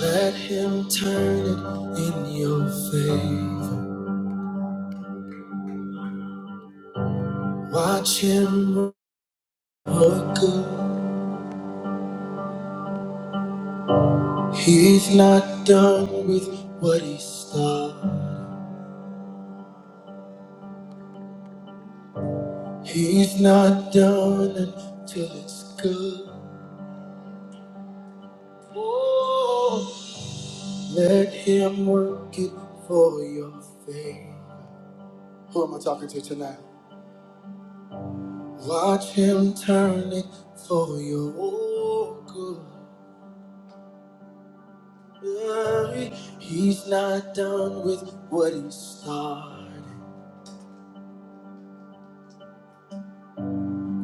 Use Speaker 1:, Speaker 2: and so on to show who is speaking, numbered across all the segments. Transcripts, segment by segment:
Speaker 1: Let him turn it in your favor. Watch him work good. He's not done with what he started. He's not done until it's good. Oh, let him work it for your favor. Who am I talking to tonight? Watch him turn it for your good. worry. He's not done with what he started.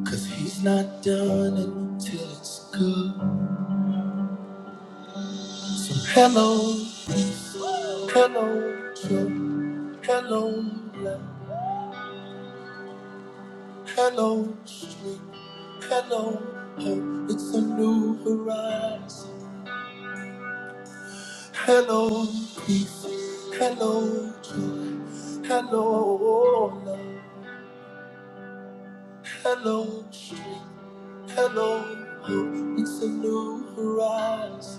Speaker 1: Cause he's not done until it's good. So hello, hello, joy, hello, love, hello, street, hello, hope. It's a new horizon. Hello, peace, hello, joy, hello, love, hello, street, hello, hope. It's a new horizon.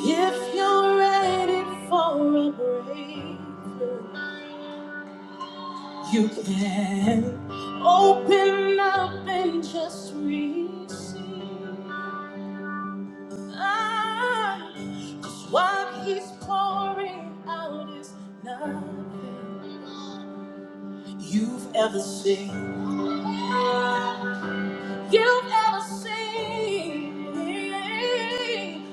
Speaker 1: If you're ready for a breakthrough, you can open up and just receive. Ah, what he's pouring out is nothing you've ever seen. You've ever seen.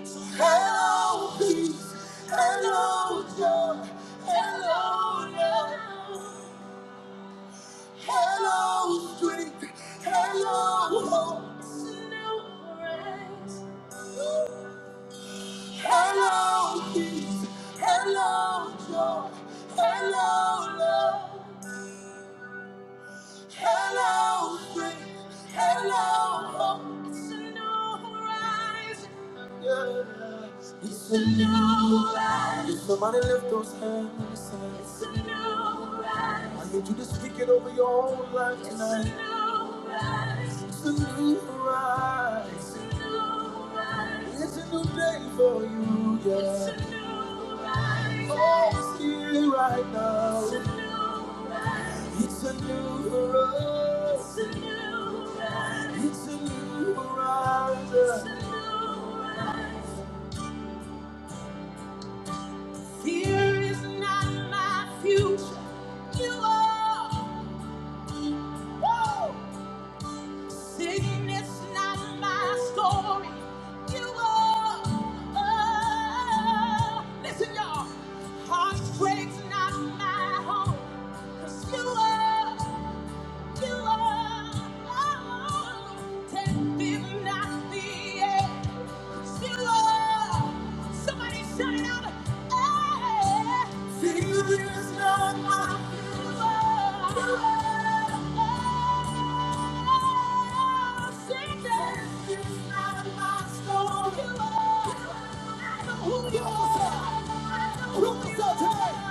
Speaker 1: So hello, peace. Hello, joy. Hello, love. Hello, strength. Hello, hope. New horizons. Hello, peace. Hello, joy. Hello, love. Hello, friends. Hello, hope. It's a new horizon. Yeah. It's a new horizon. If somebody lift those hands and It's a new horizon. I need you to speak it over your own life It's a tonight. A new horizon. It's a new horizon. It's a new horizon. It's a new day for you, yeah. It's a new horizon. Oh, it's here right now. It's a new horizon. It's a new horizon. It's a new horizon. Fear is not my future. You are. Woo! Sickness not my story. You are. Oh. Listen, y'all. Heartbreak's not my home. 'Cause you are. Who you are? Who you are today?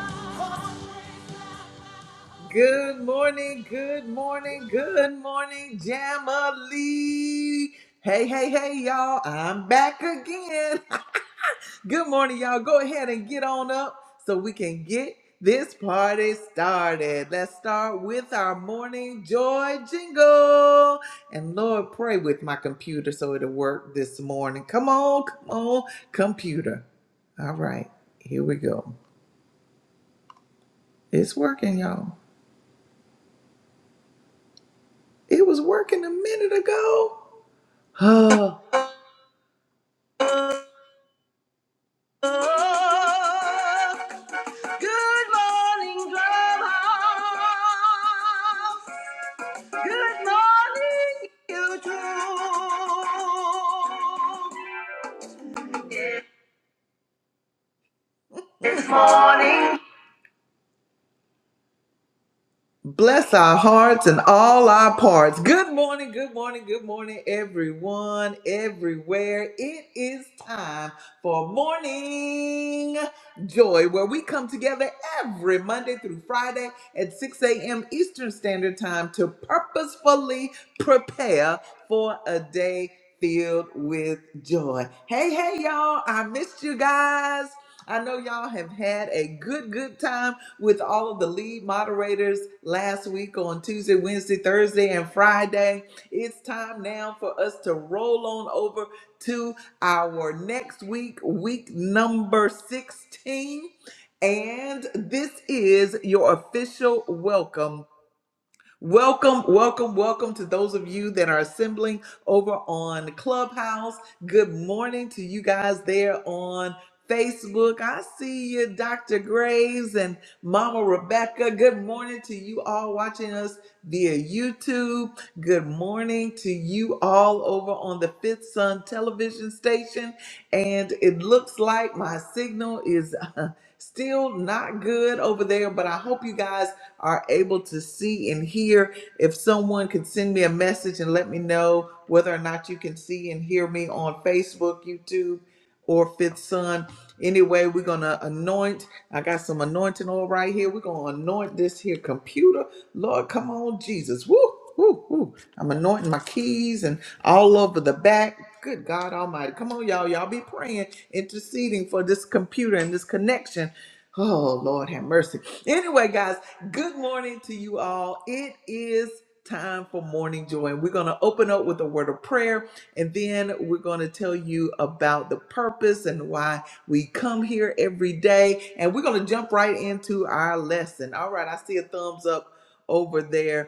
Speaker 1: Good morning, good morning, good morning, Jamali. Hey, hey, hey, y'all. I'm back again. Good morning, y'all. Go ahead and get on up so we can get this party started. Let's start with our morning joy jingle. And Lord, pray with my computer so it'll work this morning. Come on, come on, computer. All right, here we go. It's working, y'all. It was working a minute ago. Oh. Oh, Good morning, Clubhouse. Good morning, YouTube. Bless our hearts and all our parts. Good morning, good morning, good morning, everyone, everywhere. It is time for Morning Joy, where we come together every Monday through Friday at 6 a.m. Eastern Standard Time to purposefully prepare for a day filled with joy. Hey, hey, y'all, I missed you guys. I know y'all have had a good, good time with all of the lead moderators last week on Tuesday, Wednesday, Thursday, and Friday. It's time now for us to roll on over to our next week, week number 16. And this is your official welcome Welcome, welcome, welcome to those of you that are assembling over on Clubhouse. Good morning to you guys there on Facebook. I see you, Dr. Graves and Mama Rebecca. Good morning to you all watching us via YouTube. Good morning to you all over on the Fifth Sun television station. And it looks like my signal is. Still not good over there, but I hope you guys are able to see and hear. If someone could send me a message and let me know whether or not you can see and hear me on Facebook, YouTube, or Fifth Son. Anyway, we're going to anoint. I got some anointing oil right here. We're going to anoint this here computer. Lord, come on, Jesus. Woo, woo, woo. I'm anointing my keys and all over the back. Good God Almighty. Come on, y'all. Y'all be praying, interceding for this computer and this connection. Oh, Lord have mercy. Anyway, guys, Good morning to you all. It is time for morning joy, and we're going to open up with a word of prayer, and then we're going to tell you about the purpose and why we come here every day. And we're going to jump right into our lesson. All right, I see a thumbs up over there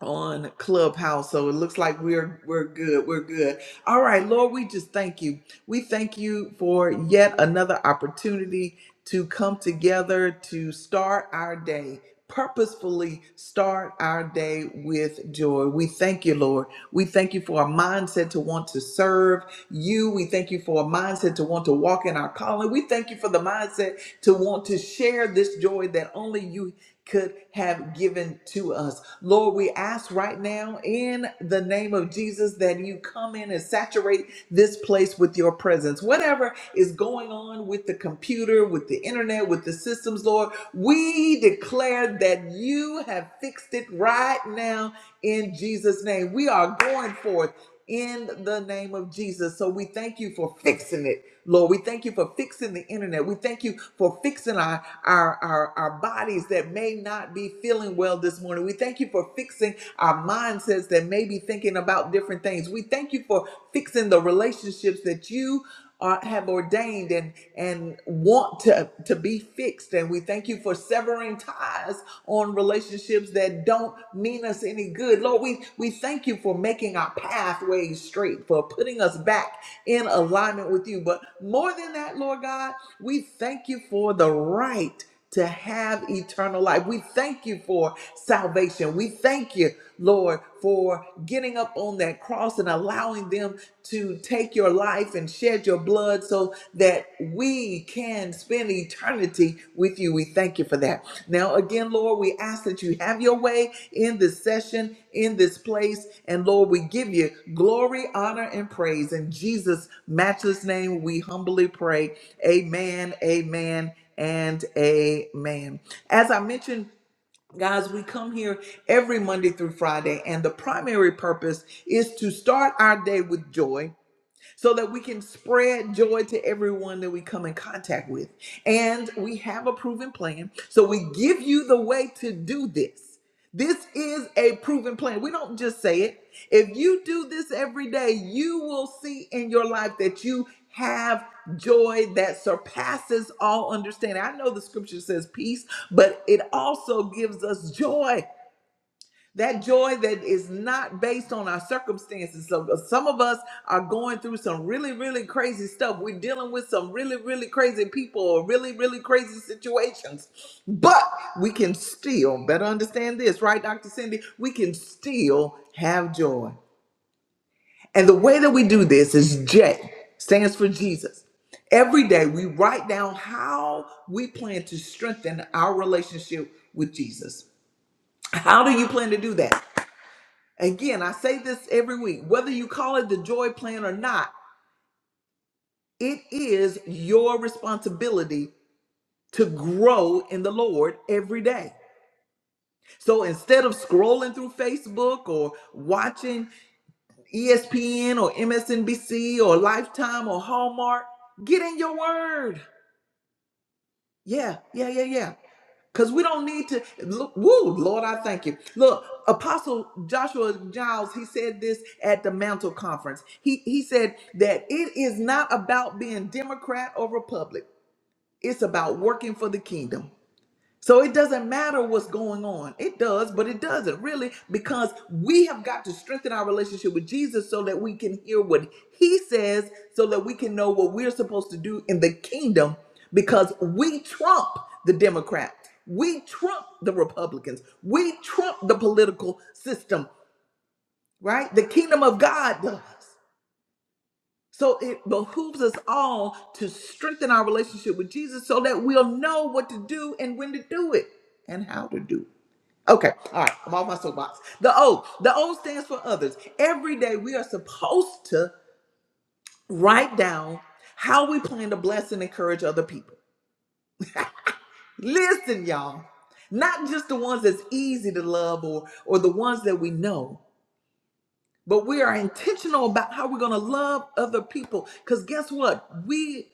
Speaker 1: on Clubhouse. So it looks like we're we're good. We're good. All right, Lord, we just thank you. We thank you for yet another opportunity to come together to start our day. Purposefully start our day with joy. We thank you, Lord. We thank you for a mindset to want to serve you. We thank you for a mindset to want to walk in our calling. We thank you for the mindset to want to share this joy that only you could have given to us. Lord, we ask right now in the name of Jesus that you come in and saturate this place with your presence. Whatever is going on with the computer, with the internet, with the systems, Lord, we declare that you have fixed it right now in Jesus' name. We are going forth in the name of Jesus. So we thank you for fixing it, Lord. We thank you for fixing the internet. We thank you for fixing our our, our, our bodies that may not be feeling well this morning. We thank you for fixing our mindsets that may be thinking about different things. We thank you for fixing the relationships that you are, have ordained and, and want to, to be fixed. And we thank you for severing ties on relationships that don't mean us any good. Lord, we, we thank you for making our pathways straight, for putting us back in alignment with you. But more than that, Lord God, we thank you for the right to have eternal life. We thank you for salvation. We thank you, Lord, for getting up on that cross and allowing them to take your life and shed your blood so that we can spend eternity with you. We thank you for that. Now, again, Lord, we ask that you have your way in this session, in this place. And Lord, we give you glory, honor, and praise. In Jesus' matchless name, we humbly pray. Amen, amen, and amen. As I mentioned, Guys, we come here every Monday through Friday, and the primary purpose is to start our day with joy so that we can spread joy to everyone that we come in contact with. And we have a proven plan. So we give you the way to do this. This is a proven plan. We don't just say it. If you do this every day, you will see in your life that you have joy that surpasses all understanding. I know the scripture says peace, but it also gives us joy that joy that is not based on our circumstances. So uh, some of us are going through some really, really crazy stuff. We're dealing with some really, really crazy people or really, really crazy situations. But we can still, better understand this, right, Dr. Cindy? We can still have joy. And the way that we do this is J, stands for Jesus. Every day we write down how we plan to strengthen our relationship with Jesus. How do you plan to do that? Again, I say this every week whether you call it the joy plan or not, it is your responsibility to grow in the Lord every day. So instead of scrolling through Facebook or watching ESPN or MSNBC or Lifetime or Hallmark, get in your word. Yeah, yeah, yeah, yeah. Because we don't need to look, woo, Lord, I thank you. Look, Apostle Joshua Giles, he said this at the Mantle Conference. He he said that it is not about being Democrat or Republic. It's about working for the kingdom. So it doesn't matter what's going on. It does, but it doesn't really because we have got to strengthen our relationship with Jesus so that we can hear what he says, so that we can know what we're supposed to do in the kingdom because we trump the Democrats. We trump the Republicans. We trump the political system, right? The kingdom of God does. So it behooves us all to strengthen our relationship with Jesus so that we'll know what to do and when to do it and how to do it. Okay, all right, I'm off my soapbox. The O, the O stands for others. Every day we are supposed to write down how we plan to bless and encourage other people. Listen, y'all, not just the ones that's easy to love or or the ones that we know, but we are intentional about how we're going to love other people. Because guess what? We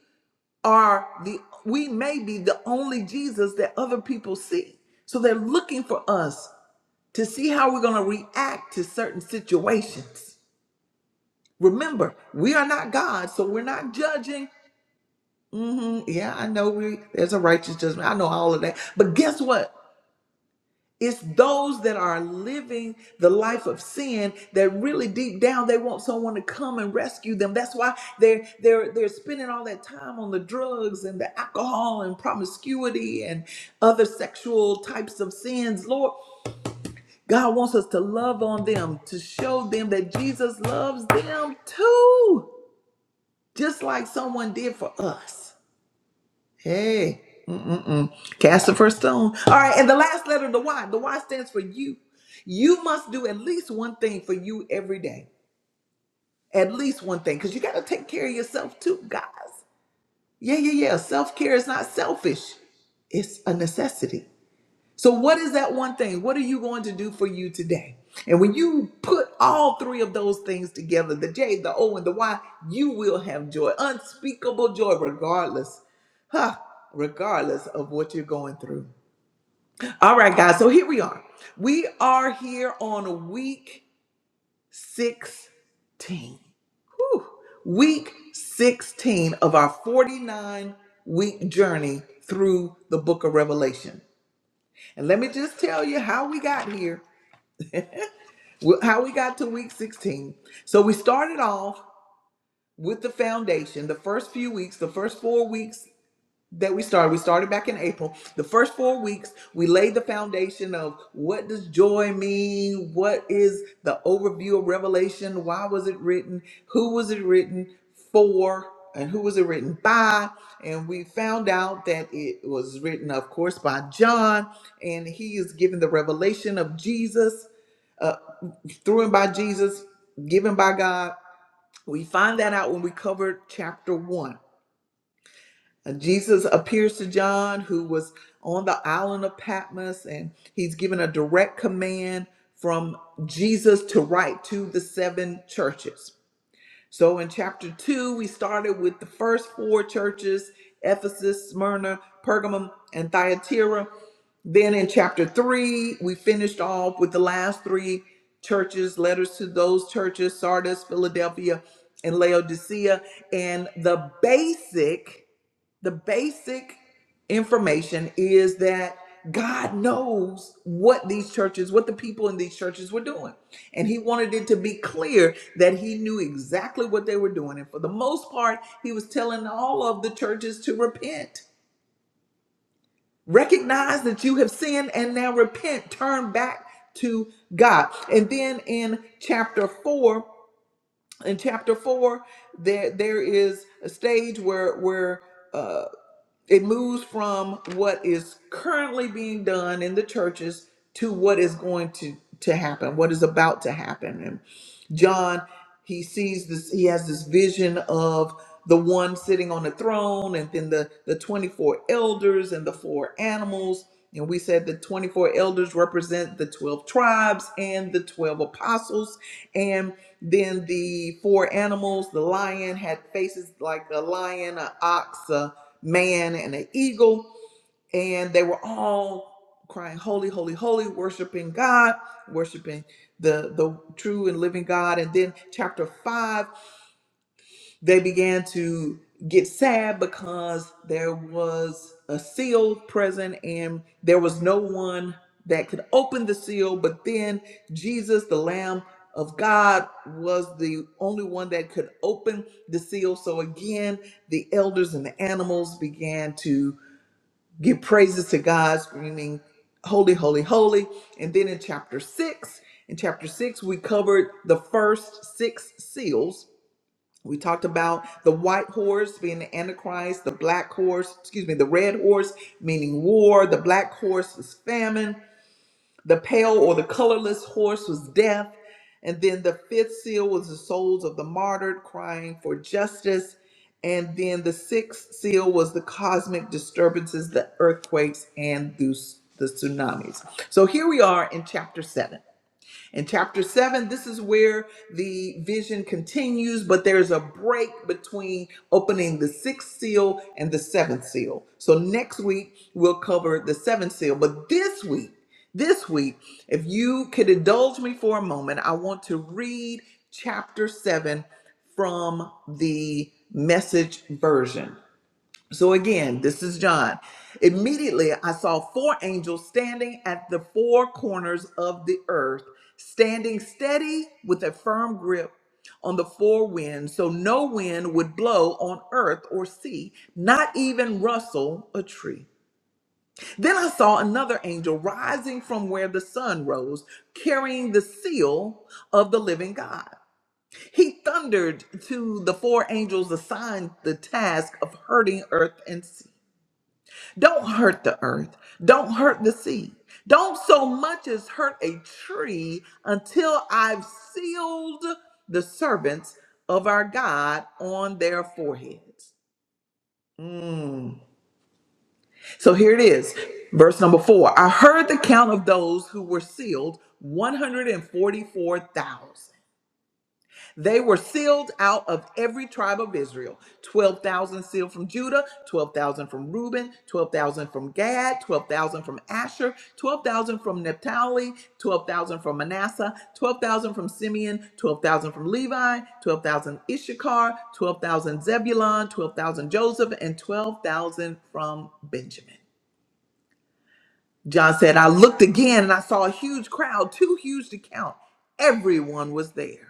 Speaker 1: are the we may be the only Jesus that other people see. So they're looking for us to see how we're going to react to certain situations. Remember, we are not God, so we're not judging. hmm Yeah, I know we there's a righteous judgment. I know all of that. But guess what? It's those that are living the life of sin that really deep down they want someone to come and rescue them. That's why they're they're they're spending all that time on the drugs and the alcohol and promiscuity and other sexual types of sins. Lord, God wants us to love on them, to show them that Jesus loves them too, just like someone did for us. Hey, mm-mm-mm. cast the first stone. All right, and the last letter, the Y. The Y stands for you. You must do at least one thing for you every day. At least one thing, because you got to take care of yourself too, guys. Yeah, yeah, yeah. Self care is not selfish, it's a necessity. So, what is that one thing? What are you going to do for you today? And when you put all three of those things together the J, the O, and the Y you will have joy, unspeakable joy, regardless, huh, regardless of what you're going through. All right, guys, so here we are. We are here on week 16. Whew. Week 16 of our 49 week journey through the book of Revelation. And let me just tell you how we got here. Wh- how we got to week 16. So we started off with the foundation. The first few weeks, the first four weeks that we started, we started back in April. The first four weeks, we laid the foundation of what does joy mean? What is the overview of Revelation? Why was it written? Who was it written for? And who was it written by? And we found out that it was written, of course, by John, and he is given the revelation of Jesus uh, through and by Jesus, given by God. We find that out when we covered chapter one. And Jesus appears to John, who was on the island of Patmos, and he's given a direct command from Jesus to write to the seven churches. So in chapter two, we started with the first four churches Ephesus, Smyrna, Pergamum, and Thyatira. Then in chapter three, we finished off with the last three churches, letters to those churches Sardis, Philadelphia, and Laodicea. And the basic the basic information is that God knows what these churches, what the people in these churches were doing. And he wanted it to be clear that he knew exactly what they were doing. And for the most part, he was telling all of the churches to repent. Recognize that you have sinned and now repent, turn back to God. And then in chapter 4, in chapter 4, there there is a stage where where uh, it moves from what is currently being done in the churches to what is going to, to happen, what is about to happen. And John, he sees this, he has this vision of the one sitting on the throne and then the, the 24 elders and the four animals. And we said the 24 elders represent the 12 tribes and the 12 apostles. And then the four animals, the lion had faces like a lion, an ox, man and an eagle, and they were all crying, "Holy, holy, holy!" worshiping God, worshiping the the true and living God. And then chapter five, they began to get sad because there was a seal present, and there was no one that could open the seal. But then Jesus, the Lamb of God, was the only one that could open the seal. So again, the elders and the animals began to give praises to God, screaming, Holy, holy, holy. And then in chapter six, in chapter six, we covered the first six seals. We talked about the white horse being the Antichrist, the black horse, excuse me, the red horse meaning war, the black horse is famine, the pale or the colorless horse was death. And then the fifth seal was the souls of the martyred crying for justice. And then the sixth seal was the cosmic disturbances, the earthquakes, and the, the tsunamis. So here we are in chapter seven. In chapter seven, this is where the vision continues, but there's a break between opening the sixth seal and the seventh seal. So next week, we'll cover the seventh seal. But this week, this week, if you could indulge me for a moment, I want to read chapter seven from the message version. So again, this is John. Immediately I saw four angels standing at the four corners of the earth, standing steady with a firm grip on the four winds, so no wind would blow on earth or sea, not even rustle a tree. Then I saw another angel rising from where the sun rose, carrying the seal of the living God. He thundered to the four angels assigned the task of hurting earth and sea. Don't hurt the earth. Don't hurt the sea. Don't so much as hurt a tree until I've sealed the servants of our God on their foreheads. Mm. So here it is, verse number four. I heard the count of those who were sealed 144,000. They were sealed out of every tribe of Israel 12,000 sealed from Judah, 12,000 from Reuben, 12,000 from Gad, 12,000 from Asher, 12,000 from Naphtali, 12,000 from Manasseh, 12,000 from Simeon, 12,000 from Levi, 12,000 Issachar, 12,000 Zebulun, 12,000 Joseph, and 12,000 from Benjamin. John said, I looked again and I saw a huge crowd, too huge to count. Everyone was there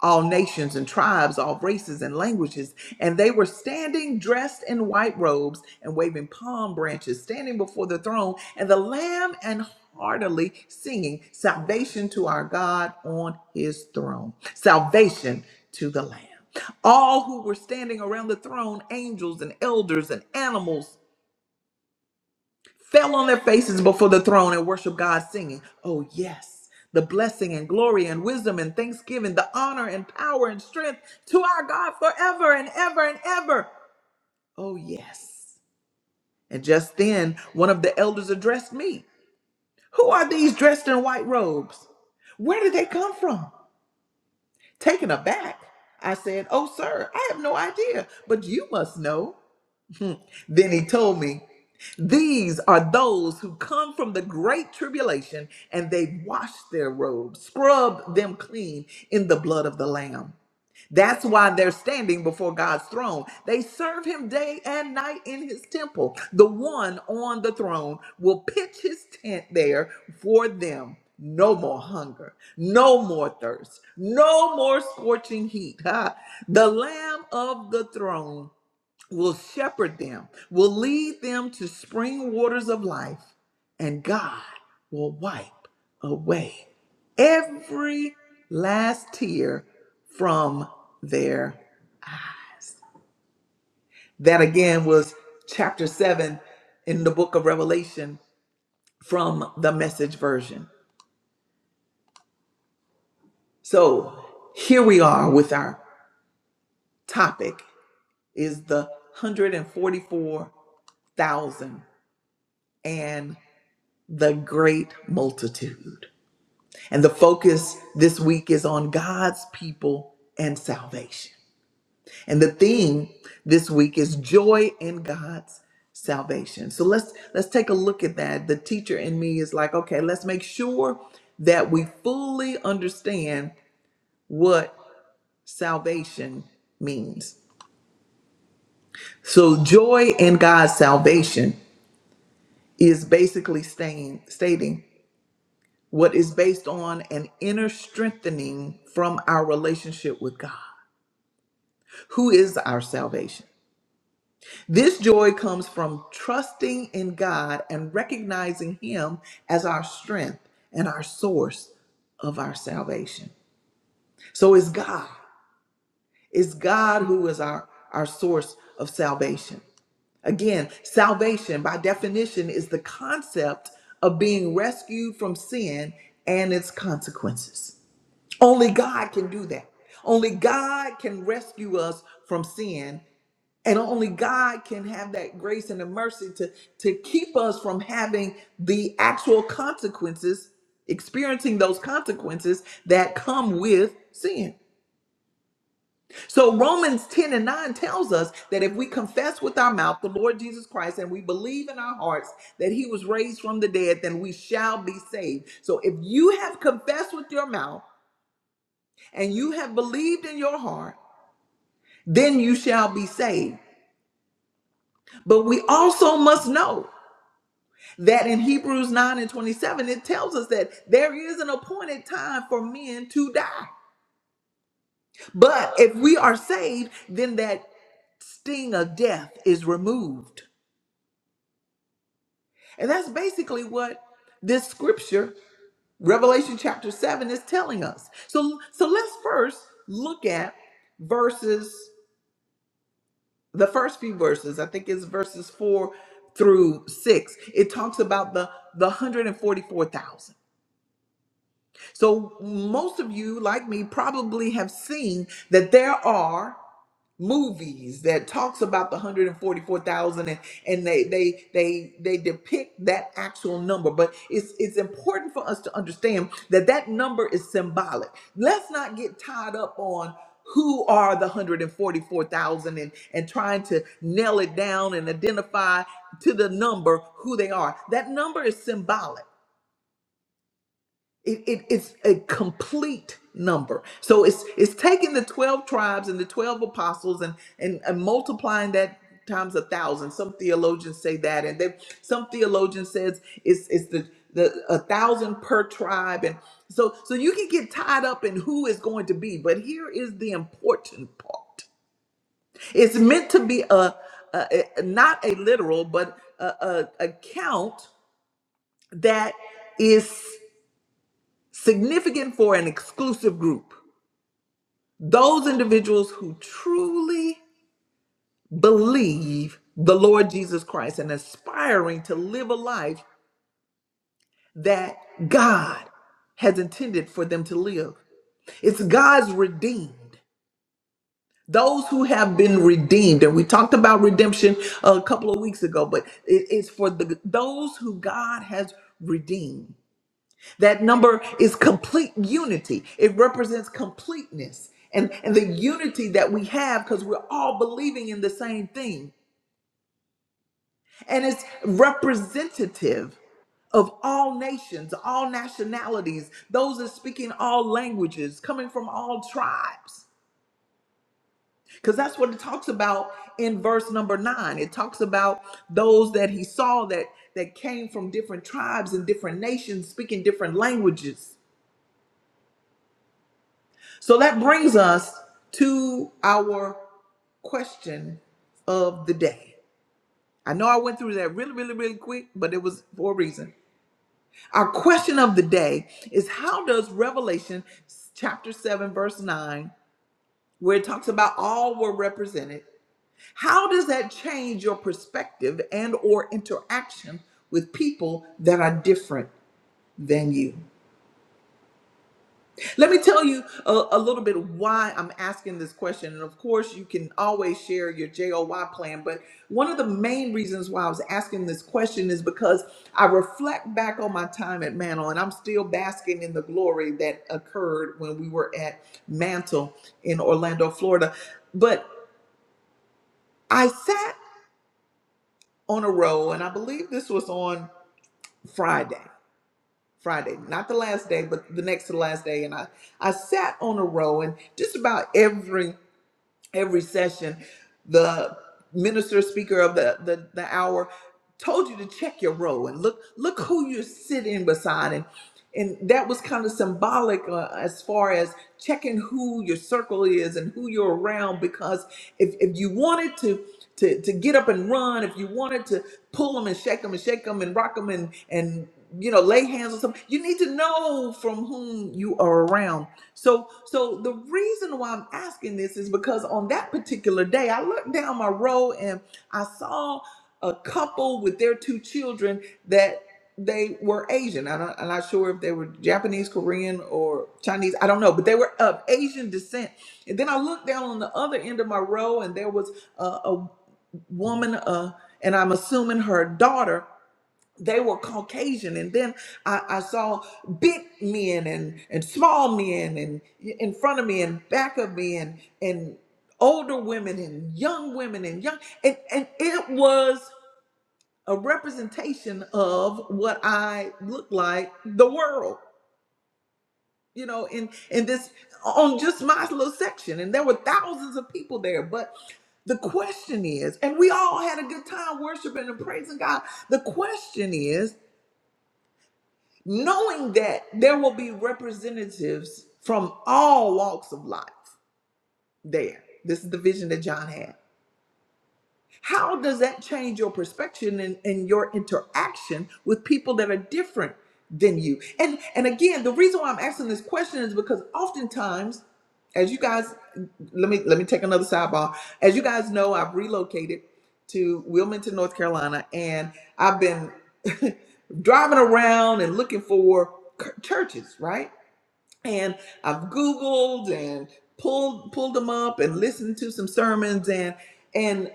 Speaker 1: all nations and tribes, all races and languages. And they were standing dressed in white robes and waving palm branches, standing before the throne and the Lamb and heartily singing salvation to our God on his throne. Salvation to the Lamb. All who were standing around the throne, angels and elders and animals fell on their faces before the throne and worshiped God, singing, Oh, yes, the blessing and glory and wisdom and thanksgiving, the honor and power and strength to our God forever and ever and ever. Oh, yes. And just then, one of the elders addressed me Who are these dressed in white robes? Where did they come from? Taken aback, I said, Oh, sir, I have no idea, but you must know. then he told me. These are those who come from the great tribulation and they washed their robes, scrubbed them clean in the blood of the Lamb. That's why they're standing before God's throne. They serve him day and night in his temple. The one on the throne will pitch his tent there for them. No more hunger, no more thirst, no more scorching heat. Ha! The Lamb of the throne will shepherd them, will lead them to spring waters of life, and God will wipe away every last tear from there. That again was chapter 7 in the book of Revelation from the message version. So here we are with our topic is the 144,000 and the great multitude. And the focus this week is on God's people and salvation. And the theme this week is joy in God's salvation. So let's let's take a look at that. The teacher in me is like, okay, let's make sure that we fully understand what salvation means. So joy in God's salvation is basically staying, stating what is based on an inner strengthening from our relationship with God. who is our salvation. This joy comes from trusting in God and recognizing Him as our strength and our source of our salvation. So it's God. It's God who is our, our source of salvation. Again, salvation by definition is the concept of being rescued from sin and its consequences. Only God can do that. Only God can rescue us from sin And only God can have that grace and the mercy to, to keep us from having the actual consequences, experiencing those consequences that come with sin. So Romans 10 and 9 tells us that if we confess with our mouth the Lord Jesus Christ and we believe in our hearts that he was raised from the dead, then we shall be saved. So if you have confessed with your mouth and you have believed in your heart, then you shall be saved. But we also must know. that in Hebrews 9 and 27, it tells us that there is an appointed time for men to die. But if we are saved, then that sting of death is removed. And that's basically what this scripture, Revelation chapter 7, is telling us. So, so let's first look at verses, the first few verses, I think it's verses 4 through 6. It talks about the, the 144,000. So, most of you, like me, probably have seen that there are movies that talks about the 144,000 and, and they they they they depict that actual number but it's it's important for us to understand that that number is symbolic let's not get tied up on who are the 144,000 and and trying to nail it down and identify to the number who they are that number is symbolic it, it, it's a complete number. So it's it's taking the 12 tribes and the 12 apostles and and, and multiplying that times a thousand. Some theologians say that, and they some theologian says it's it's the the a thousand per tribe, and so so you can get tied up in who is going to be. But here is the important part. It's meant to be a, a a- not a literal, but a, a, a count that is significant for an exclusive group those individuals who truly believe the Lord Jesus Christ and aspiring to live a life that God has intended for them to live. It's God's redeemed. Those who have been redeemed, and we talked about redemption a couple of weeks ago, but it is for the those who God has redeemed. That number is complete unity. It represents completeness and, and the unity that we have because we're all believing in the same thing. And it's representative of all nations, all nationalities, those that speaking all languages, coming from all tribes. Because that's what it talks about in verse number nine. It talks about those that he saw that that came from different tribes and different nations, speaking different languages. So that brings us to our question of the day. I know I went through that really, really, really quick, but it was for a reason. Our question of the day is how does Revelation chapter 7, verse 9, where it talks about all were represented, how does that change your perspective and or interaction with people that are different than you? Let me tell you a, a little bit why I'm asking this question. And of course, you can always share your JOY plan. But one of the main reasons why I was asking this question is because I reflect back on my time at Mantle and I'm still basking in the glory that occurred when we were at Mantle in Orlando, Florida. But I sat on a row, and I believe this was on Friday. Friday, not the last day, but the next to the last day. And I, I sat on a row, and just about every every session, the minister speaker of the, the, the hour told you to check your row and look look who you're sitting beside and and that was kind of symbolic uh, as far as checking who your circle is and who you're around because if, if you wanted to to to get up and run if you wanted to pull them and shake them and shake them and rock them and and you know lay hands on something you need to know from whom you are around so, so the reason why I'm asking this is because on that particular day, I looked down my row and I saw a couple with their two children that they were Asian. I don't, I'm not sure if they were Japanese, Korean, or Chinese. I don't know, but they were of Asian descent. And then I looked down on the other end of my row and there was a, a woman, uh, and I'm assuming her daughter they were Caucasian, and then I, I saw big men and and small men and in front of me and back of me and and older women and young women and young and and it was a representation of what I look like the world, you know, in in this on just my little section, and there were thousands of people there, but. The question is, and we all had a good time worshiping and praising God. The question is, knowing that there will be representatives from all walks of life there. This is the vision that John had. How does that change your perspective and, and your interaction with people that are different than you? And and again, the reason why I'm asking this question is because oftentimes, as you guys let me let me take another sidebar. As you guys know, I've relocated to Wilmington, North Carolina, and I've been driving around and looking for c- churches, right? And I've Googled and pulled pulled them up and listened to some sermons and and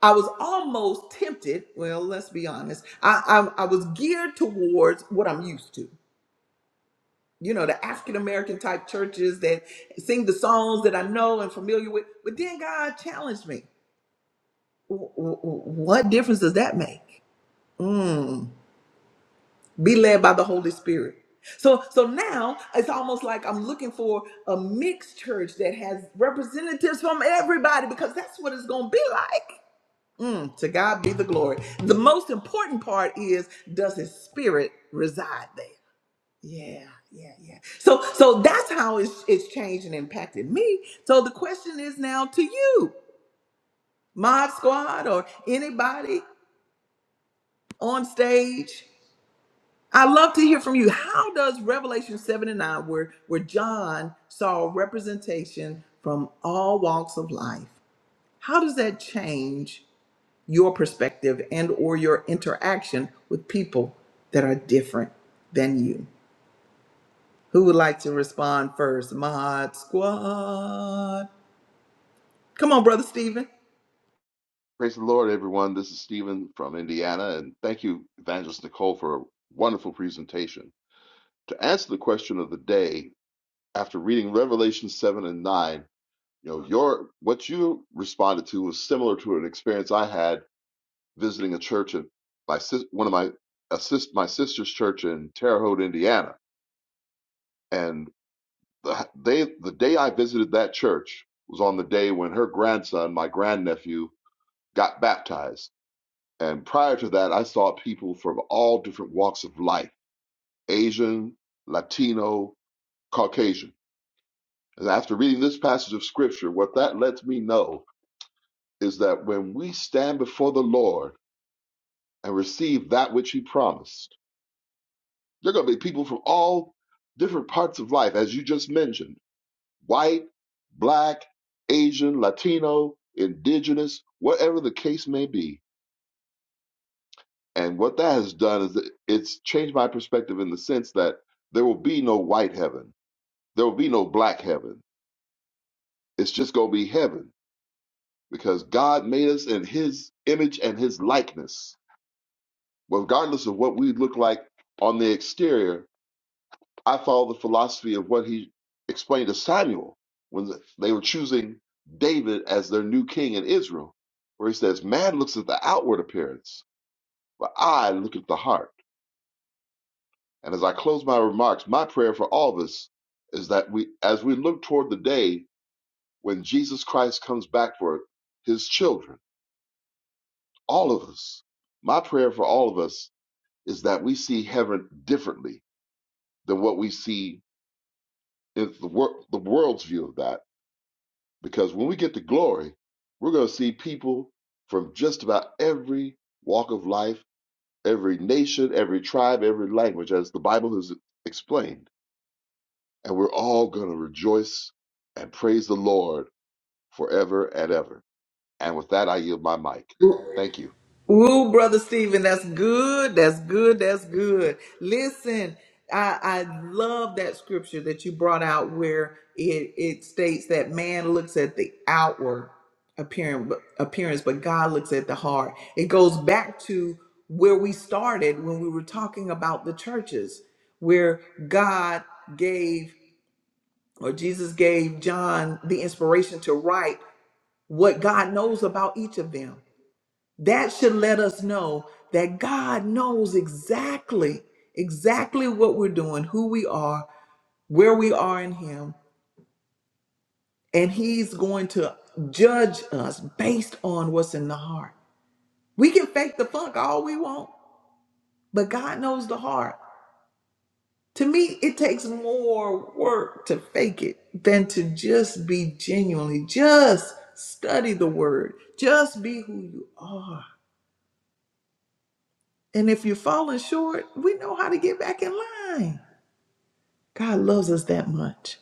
Speaker 1: I was almost tempted. Well, let's be honest. I, I I was geared towards what I'm used to. You know, the African American type churches that sing the songs that I know and familiar with. But then God challenged me. W- w- w- What difference does that make? Mm, be led by the Holy Spirit. So so now it's almost like I'm looking for a mixed church that has representatives from everybody because that's what it's going to be like. Mm, to God be the glory. The most important part is does his spirit reside there? Yeah, yeah, yeah. So so that's how it's it's changed and impacted me. So the question is now to you, Mod Squad or anybody on stage. I love to hear from you. How does Revelation 7 and 9, where, where John saw representation from all walks of life, how does that change? your perspective and or your interaction with people that are different than you. Who would like to respond first? Mod Squad. Come on, brother Stephen.
Speaker 2: Praise the Lord, everyone. This is Stephen from Indiana, and thank you, Evangelist Nicole, for a wonderful presentation. To answer the question of the day, after reading Revelation 7 and 9, you know, your what you responded to was similar to an experience I had visiting a church at my sis- one of my assist my sister's church in Terre Haute, Indiana. And the they the day I visited that church was on the day when her grandson, my grandnephew, got baptized And prior to that, I saw people from all different walks of life Asian, Latino, Caucasian. And after reading this passage of scripture, what that lets me know is that when we stand before the Lord and receive that which He promised, there are going to be people from all different parts of life, as you just mentioned white, black, Asian, Latino, indigenous, whatever the case may be And what that has done is it- it's changed my perspective in the sense that there will be no white heaven. There will be no black heaven. It's just going to be heaven because God made us in his image and his likeness. Regardless of what we look like on the exterior, I follow the philosophy of what he explained to Samuel when they were choosing David as their new king in Israel, where he says, Man looks at the outward appearance, but I look at the heart. And as I close my remarks, my prayer for all of us is that we, as we look toward the day when Jesus Christ comes back for his children, all of us, my prayer for all of us is that we see heaven differently than what we see in the, wor- the world's view of that. Because when we get to glory, we're going to see people from just about every walk of life, every nation, every tribe, every language, as the Bible has explained. And we're all going to rejoice and praise the Lord forever and ever. And with that, I yield my mic. Thank you.
Speaker 1: Ooh, brother Stephen, that's good. That's good. That's good. Listen, I, I love that scripture that you brought out where it, it states that man looks at the outward appearance, appearance, but God looks at the heart. It goes back to where we started when we were talking about the churches, where God gave or Jesus gave John the inspiration to write what God knows about each of them that should let us know that God knows exactly, exactly what we're doing, who we are, where we are in Him, and He's going to judge us based on what's in the heart. We can fake the funk all we want, but God knows the heart. To me, it takes more work to fake it than to just be genuinely, just study the word, just be who you are. And if you're falling short, we know how to get back in line. God loves us that much.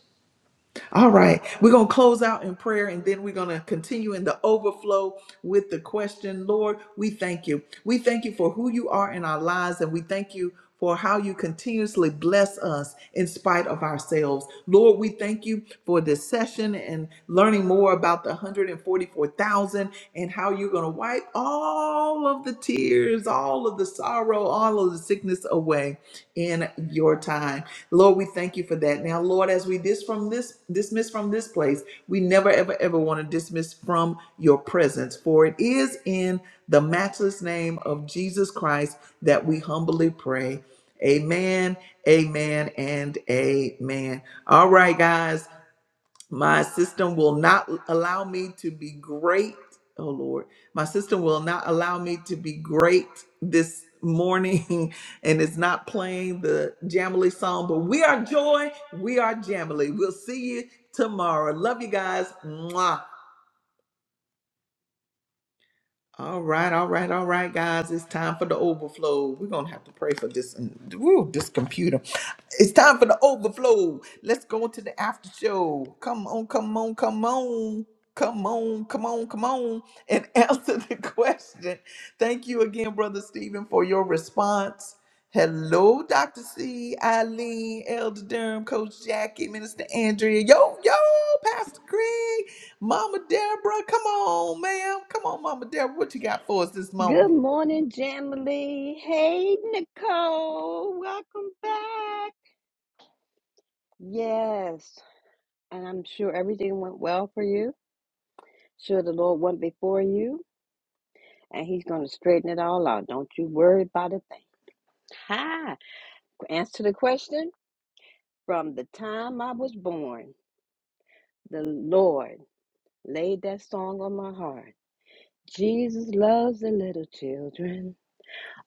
Speaker 1: All right, we're going to close out in prayer and then we're going to continue in the overflow with the question Lord, we thank you. We thank you for who you are in our lives and we thank you for how you continuously bless us in spite of ourselves. Lord, we thank you for this session and learning more about the 144,000 and how you're going to wipe all of the tears, all of the sorrow, all of the sickness away in your time. Lord, we thank you for that. Now, Lord, as we dis from this dismiss from this place, we never ever ever want to dismiss from your presence, for it is in the matchless name of Jesus Christ that we humbly pray. Amen, amen, and amen. All right, guys. My system will not allow me to be great. Oh Lord, my system will not allow me to be great this morning, and it's not playing the Jamily song. But we are joy, we are Jamily. We'll see you tomorrow. Love you guys. Mwah. All right, all right, all right, guys. It's time for the overflow. We're gonna have to pray for this. Woo, this computer. It's time for the overflow. Let's go to the after show. Come on, come on, come on, come on, come on, come on, and answer the question. Thank you again, brother Stephen, for your response. Hello, Dr. C, Eileen, Elder Durham, Coach Jackie, Minister Andrea. Yo, yo, Pastor Greg. Mama Deborah, come on, ma'am. Come on, Mama Deborah. What you got for us this
Speaker 3: Good
Speaker 1: morning?
Speaker 3: morning, Jamily. Hey, Nicole. Welcome back. Yes, and I'm sure everything went well for you. Sure, the Lord went before you, and He's going to straighten it all out. Don't you worry about a thing. Hi. Answer the question from the time I was born, the Lord laid that song on my heart. Jesus loves the little children,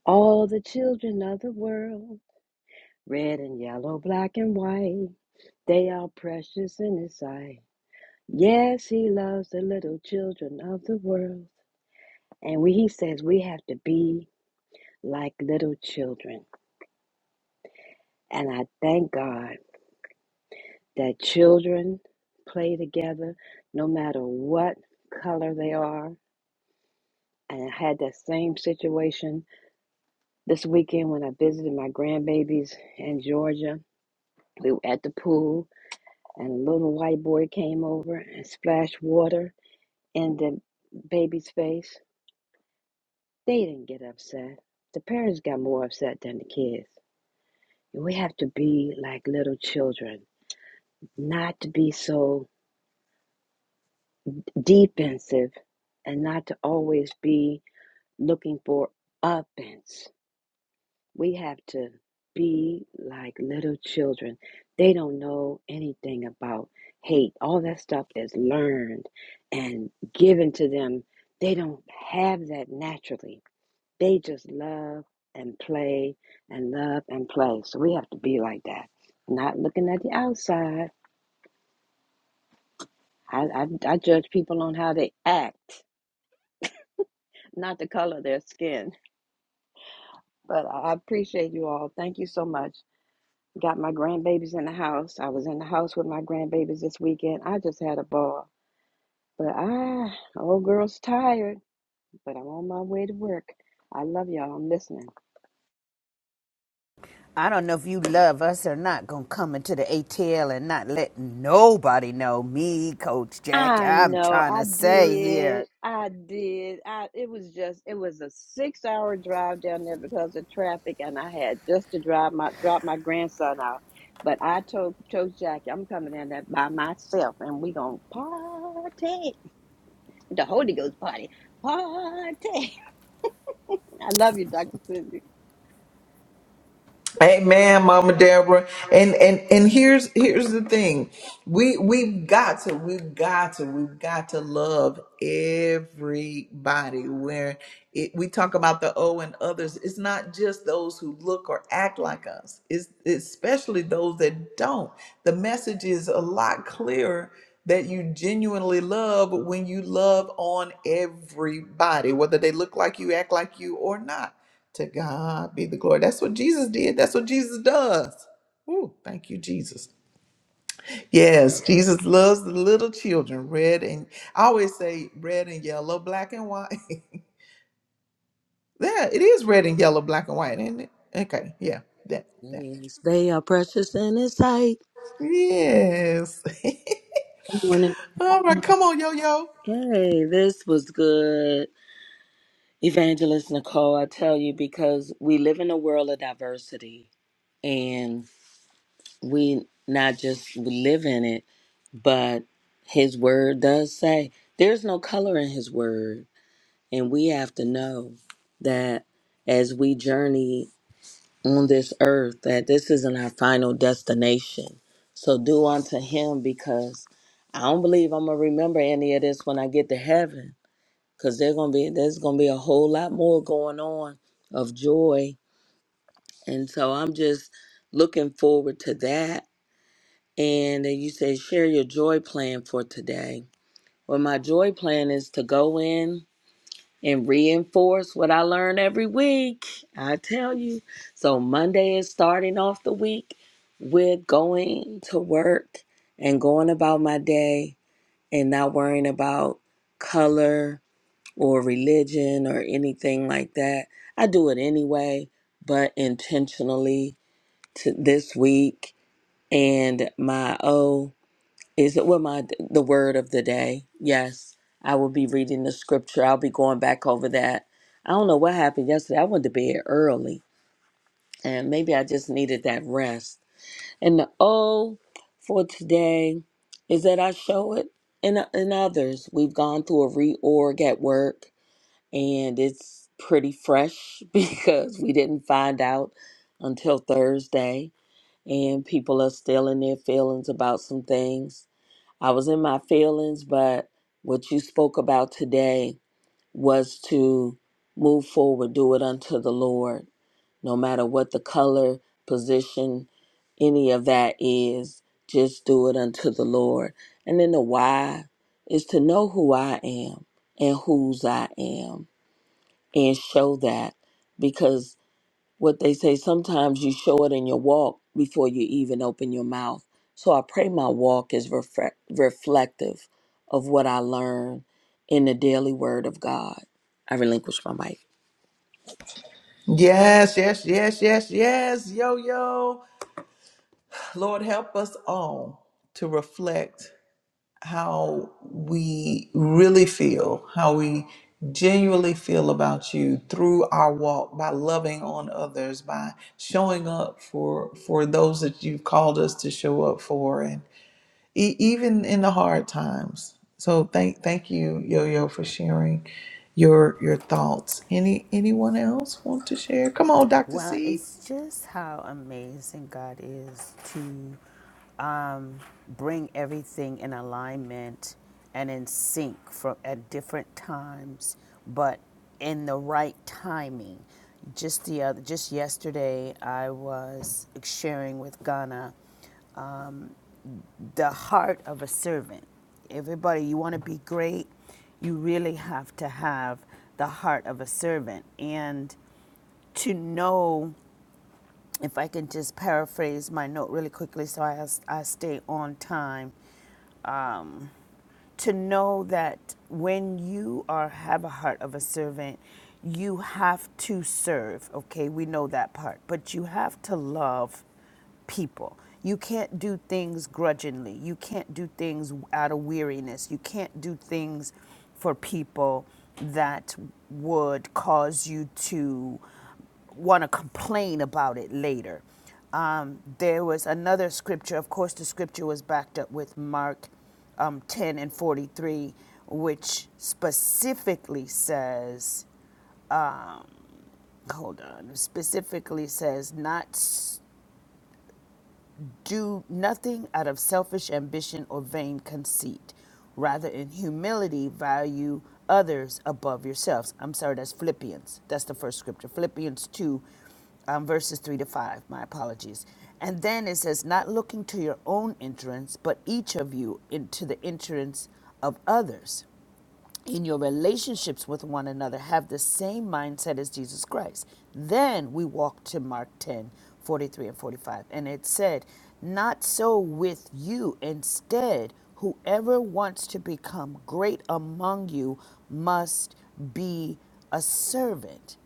Speaker 3: all the children of the world. Red and yellow, black and white, they are precious in His sight. Yes, He loves the little children of the world. And we, He says we have to be like little children. And I thank God that children play together no matter what color they are. And I had that same situation this weekend when I visited my grandbabies in Georgia. We were at the pool, and a little white boy came over and splashed water in the baby's face, they didn't get upset. The parents got more upset than the kids. We have to be like little children, not to be so defensive and not to always be looking for offense. We have to be like little children. They don't know anything about hate. All that stuff is learned and given to them. They don't have that naturally They just love and play and love and play. So we have to be like that. Not looking at the outside. I, I, I judge people on how they act, not the color of their skin. But I appreciate you all. Thank you so much. Got my grandbabies in the house. I was in the house with my grandbabies this weekend. I just had a ball. But I, old girl's tired, but I'm on my way to work. I love y'all. I'm listening.
Speaker 4: I don't know if you love us or not, gonna come into the ATL and not let nobody know me, Coach Jackie.
Speaker 3: I
Speaker 4: I'm
Speaker 3: know,
Speaker 4: trying
Speaker 3: I
Speaker 4: to say here.
Speaker 3: did. I did. I it was just it was a six hour drive down there because of traffic and I had just to drive my drop my grandson out. But I told chose Jackie, I'm coming down there by myself and we gonna party. The Holy Ghost party. Party. I love you, Dr. Cindy.
Speaker 1: Amen, Mama Deborah. And and and here's here's the thing. We we've got to, we've got to, we've got to love everybody. Where it, we talk about the O and others, it's not just those who look or act like us. It's it's especially those that don't. The message is a lot clearer that you genuinely love when you love on everybody, whether they look like you, act like you, or not to God be the glory. That's what Jesus did. That's what Jesus does. Ooh, thank you, Jesus. Yes, Jesus loves the little children. Red and I always say red and yellow, black and white. yeah, it is red and yellow, black and white, isn't it? Okay, yeah, that
Speaker 5: It
Speaker 1: that.
Speaker 5: is. They are precious in His sight.
Speaker 1: Yes.
Speaker 5: Good morning.
Speaker 1: All right, come on, yo yo.
Speaker 5: Hey, this was good, Evangelist Nicole. I tell you, because we live in a world of diversity, and we not just we live in it, but His Word does say there's no color in His Word, and we have to know that as we journey on this earth that this isn't our final destination. So do unto him because I don't believe I'm gonna remember any of this when I get to heaven. Cause there's gonna be there's gonna be a whole lot more going on of joy. And so I'm just looking forward to that. And then you say share your joy plan for today. Well my joy plan is to go in and reinforce what I learn every week. I tell you. So Monday is starting off the week with going to work and going about my day and not worrying about color or religion or anything like that. I do it anyway, but intentionally to this week and my O. Is it what my the word of the day? Yes, I will be reading the scripture. I'll be going back over that. I don't know what happened yesterday. I went to bed early, and maybe I just needed that rest. And the O for today is that I show it in in others. We've gone through a reorg at work, and it's pretty fresh because we didn't find out until Thursday, and people are still in their feelings about some things I was in my feelings, but what you spoke about today was to move forward, do it unto the Lord, no matter what the color, position, any of that is, just do it unto the Lord. And then the why is to know who I am and whose I am and show that. Because what they say sometimes you show it in your walk before you even open your mouth so i pray my walk is refre- reflective of what i learn in the daily word of god i relinquish my mic
Speaker 1: Yes, yes, yes, yes, yes, yo yo. Lord, help us all to reflect how we really feel, how we genuinely feel about you through our walk by loving on others, by showing up for for those that you've called us to show up for, and e- even in the hard times. So thank thank you, Yo Yo, for sharing your your thoughts. Any anyone else want to share? Come on, Doctor
Speaker 4: Well,
Speaker 1: C.
Speaker 4: it's just how amazing God is to um, bring everything in alignment and in sync for, at different times, but in the right timing. Just the other, just yesterday, I was sharing with Ghana the heart of a servant. Everybody, you want to be great, you really have to have the heart of a servant. And to know, if I can just paraphrase my note really quickly so I, I stay on time, um, to know that when you are have a heart of a servant you have to serve okay we know that part but you have to love people you can't do things grudgingly you can't do things out of weariness you can't do things for people that would cause you to want to complain about it later. Um, there was another scripture, of course, the scripture was backed up with Mark um, 10 and 43, which specifically says, um, hold on, specifically says, not do nothing out of selfish ambition or vain conceit. Rather, in humility, value others above yourselves. I'm sorry, that's Philippians. That's the first scripture. Philippians 2, um, verses 3 to 5. My apologies. And then it says, not looking to your own entrance, but each of you into the entrance of others in your relationships with one another have the same mindset as Jesus Christ. Then we walk to Mark 10 43 and 45. And it said, Not so with you. Instead, whoever wants to become great among you must be a servant,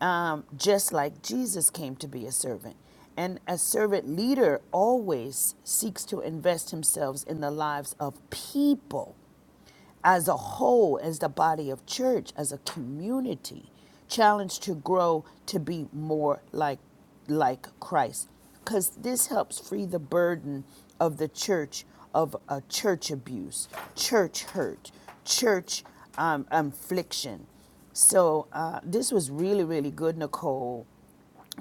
Speaker 4: um, just like Jesus came to be a servant. And a servant leader always seeks to invest himself in the lives of people as a whole, as the body of church, as a community, challenged to grow to be more like like Christ. Because this helps free the burden of the church of uh, church abuse, church hurt, church um, affliction. So uh, this was really, really good, Nicole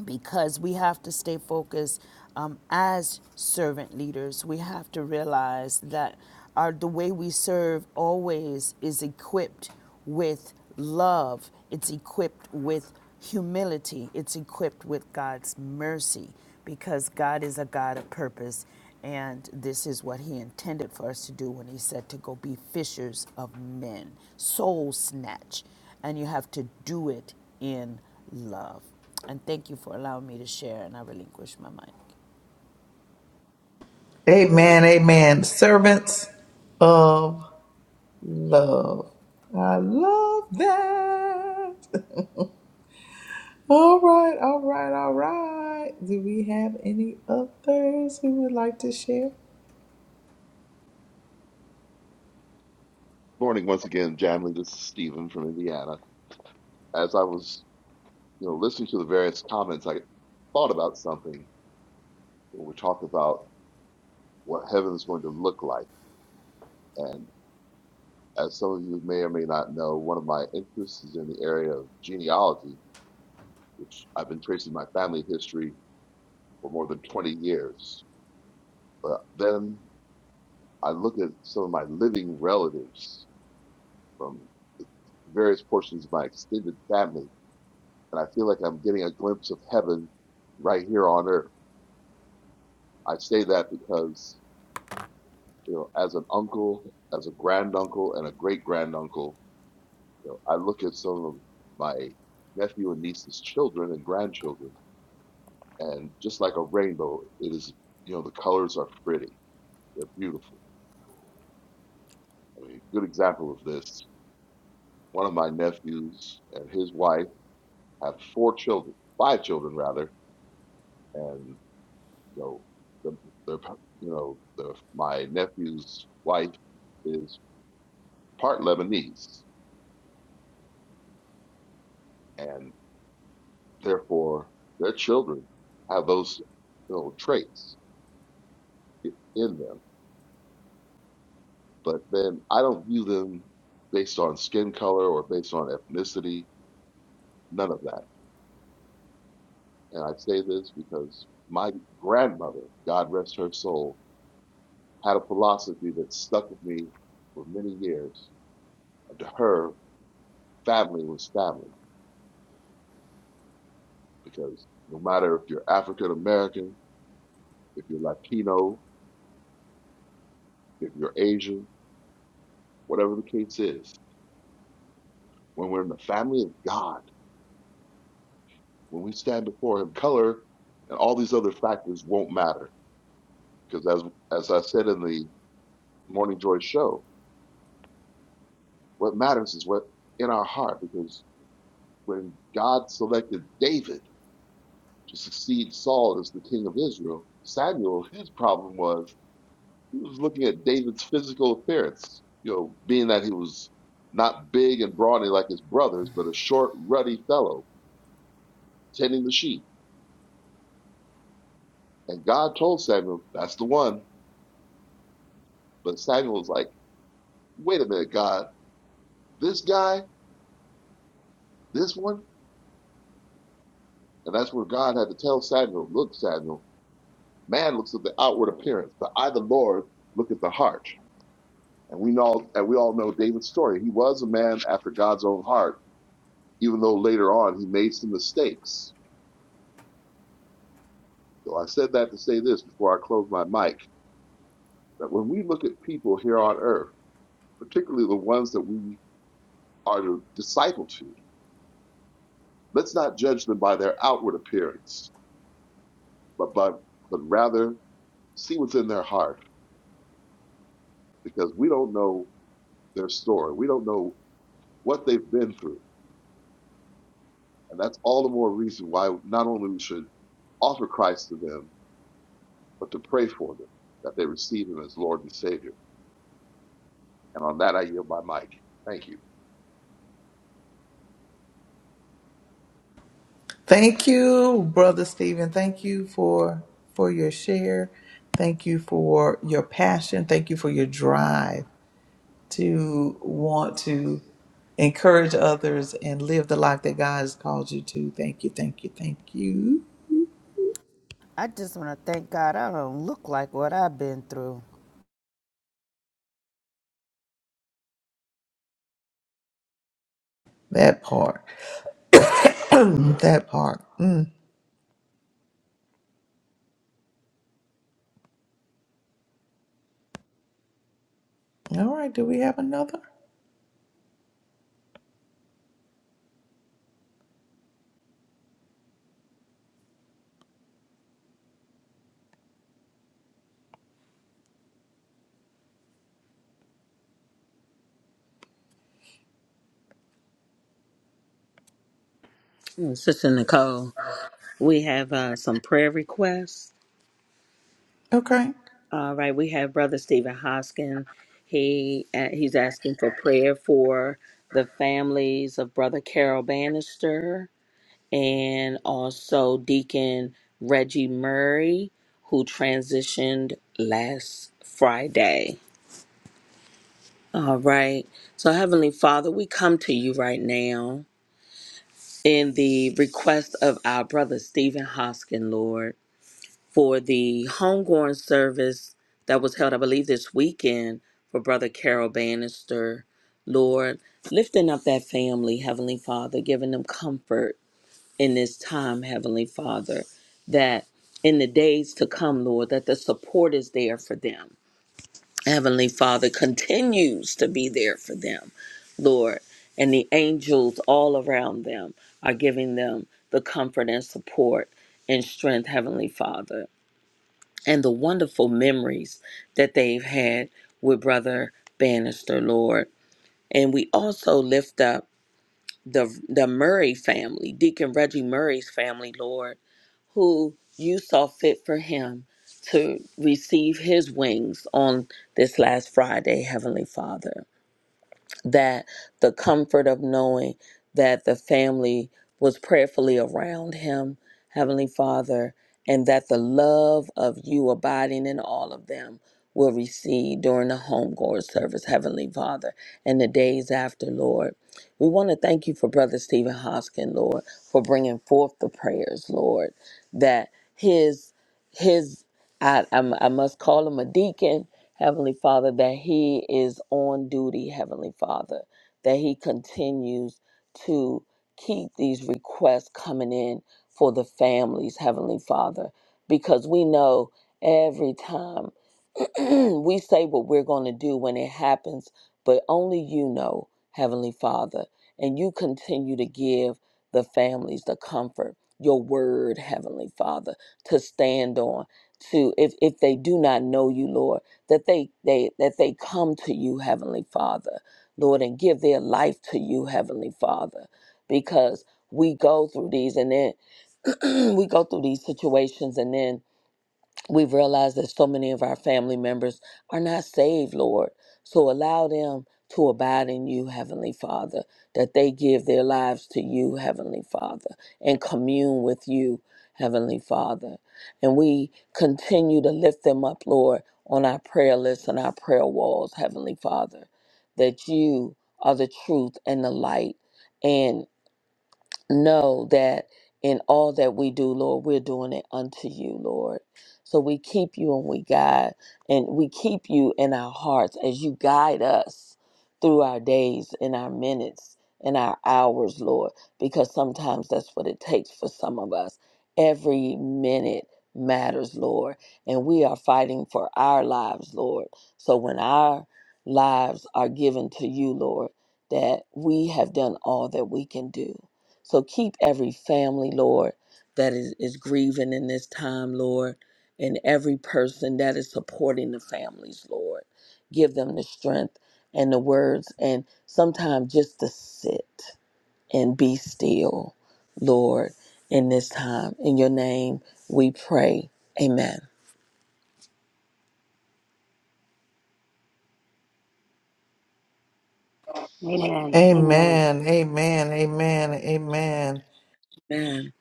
Speaker 4: because we have to stay focused um, as servant leaders. We have to realize that our the way we serve always is equipped with love. It's equipped with humility. It's equipped with God's mercy because God is a God of purpose. And this is what he intended for us to do when he said to go be fishers of men, soul snatch. And you have to do it in love. And thank you for allowing me to share, and I relinquish my mic.
Speaker 1: Amen, amen. Servants. Love. I love that. All right, all right, all right. Do we have any others who would like to share?
Speaker 2: Morning once again, Jamley. This is Stephen from Indiana. As I was, you know, listening to the various comments, I thought about something when we talked about what heaven is going to look like. And as some of you may or may not know, one of my interests is in the area of genealogy, which I've been tracing my family history for more than 20 years. But then I look at some of my living relatives from various portions of my extended family, and I feel like I'm getting a glimpse of heaven right here on earth. I say that because, you know, as an uncle, as a granduncle, and a great granduncle, you know, I look at some of my nephew and niece's children and grandchildren, and just like a rainbow, it is, you know, the colors are pretty. They're beautiful. I mean, good example of this. One of my nephews and his wife have four children, five children rather, and you know, the, their, you know, the, my nephew's wife is part Lebanese, and therefore their children have those, you know, traits i- in them. But then I don't view them based on skin color or based on ethnicity, none of that. And I say this because my grandmother, God rest her soul, had a philosophy that stuck with me for many years her family was family because no matter if you're African American, if you're Latino, if you're Asian, whatever the case is, when we're in the family of God, when we stand before Him, color and all these other factors won't matter because as as I said in the Morning Joy show, what matters is what in our heart because when God selected David to succeed Saul as the king of Israel, Samuel his problem was He was looking at David's physical appearance, you know, being that he was not big and brawny like his brothers, but a short, ruddy fellow tending the sheep. And God told Samuel, that's the one. But Samuel was like, wait a minute, God, this guy, this one? And that's where God had to tell Samuel, look, Samuel, man looks at the outward appearance, but I, the Lord, look at the heart. And we know, and we all know David's story. He was a man after God's own heart, even though later on he made some mistakes So I said that to say this before I close my mic that when we look at people here on earth, particularly the ones that we are to disciple to, let's not judge them by their outward appearance, but, but, but rather see what's in their heart because we don't know their story. We don't know what they've been through. And that's all the more reason why not only we should offer Christ to them, but to pray for them that they receive him as Lord and Savior. And on that, I yield my mic. Thank you.
Speaker 1: Thank you, brother Stephen. Thank you for for your share. Thank you for your passion. Thank you for your drive to want to encourage others and live the life that God has called you to. Thank you, thank you, thank you.
Speaker 4: I just want to thank God I don't look like what I've been through.
Speaker 1: That part. that part. Mm. All right, do we have another?
Speaker 5: Mm, Sister Nicole, we have uh, some prayer requests.
Speaker 1: Okay.
Speaker 5: All right, we have Brother Stephen Hoskin. He uh, he's asking for prayer for the families of Brother Carol Bannister. and also Deacon Reggie Murray, who transitioned last Friday. All right. So, Heavenly Father, we come to you right now in the request of our brother Stephen Hoskin, Lord, for the homegoing service that was held, I believe, this weekend for Brother Carol Bannister. Lord, lifting up that family, Heavenly Father, giving them comfort in this time, Heavenly Father, that in the days to come, Lord, that the support is there for them. Heavenly Father continues to be there for them, Lord, and the angels all around them are giving them the comfort and support and strength, Heavenly Father, and the wonderful memories that they've had with Brother Bannister, Lord. And we also lift up the the Murray family, Deacon Reggie Murray's family, Lord who you saw fit for him to receive his wings on this last Friday, Heavenly Father that the comfort of knowing that the family was prayerfully around him, Heavenly Father, and that the love of you abiding in all of them will recede during the homegoer service, Heavenly Father, and the days after, Lord. We want to thank you for Brother Stephen Hoskin, Lord, for bringing forth the prayers, Lord, that his, his, I, I, I must call him a deacon Heavenly Father, that He is on duty, Heavenly Father, that He continues to keep these requests coming in for the families, Heavenly Father, because we know every time we say what we're going to do when it happens, but only you know, Heavenly Father, and you continue to give the families the comfort, your word, Heavenly Father, to stand on. To if if they do not know you, Lord that they, they that they come to you heavenly father lord and give their life to you heavenly father because we go through these and then we go through these situations and then We've realized that so many of our family members are not saved, Lord. So allow them to abide in you, Heavenly Father, that they give their lives to you, Heavenly Father, and commune with you, Heavenly Father. And we continue to lift them up, Lord, on our prayer lists and our prayer walls, Heavenly Father, that you are the truth and the light know that in all that we do, Lord, we're doing it unto you, Lord. So we keep you and we guide, and we keep you in our hearts as you guide us through our days and our minutes and our hours, Lord, because sometimes that's what it takes for some of us. Every minute matters, Lord, and we are fighting for our lives, Lord. So when our lives are given to you, Lord, that we have done all that we can do so keep every family, Lord, that is, is grieving in this time, Lord, and every person that is supporting the families, Lord. Give them the strength and the words, and sometimes just to sit and be still, Lord, in this time. In your name we pray. Amen.
Speaker 3: Amen. Amen.
Speaker 1: Amen. Amen. Amen. Amen.
Speaker 5: Amen.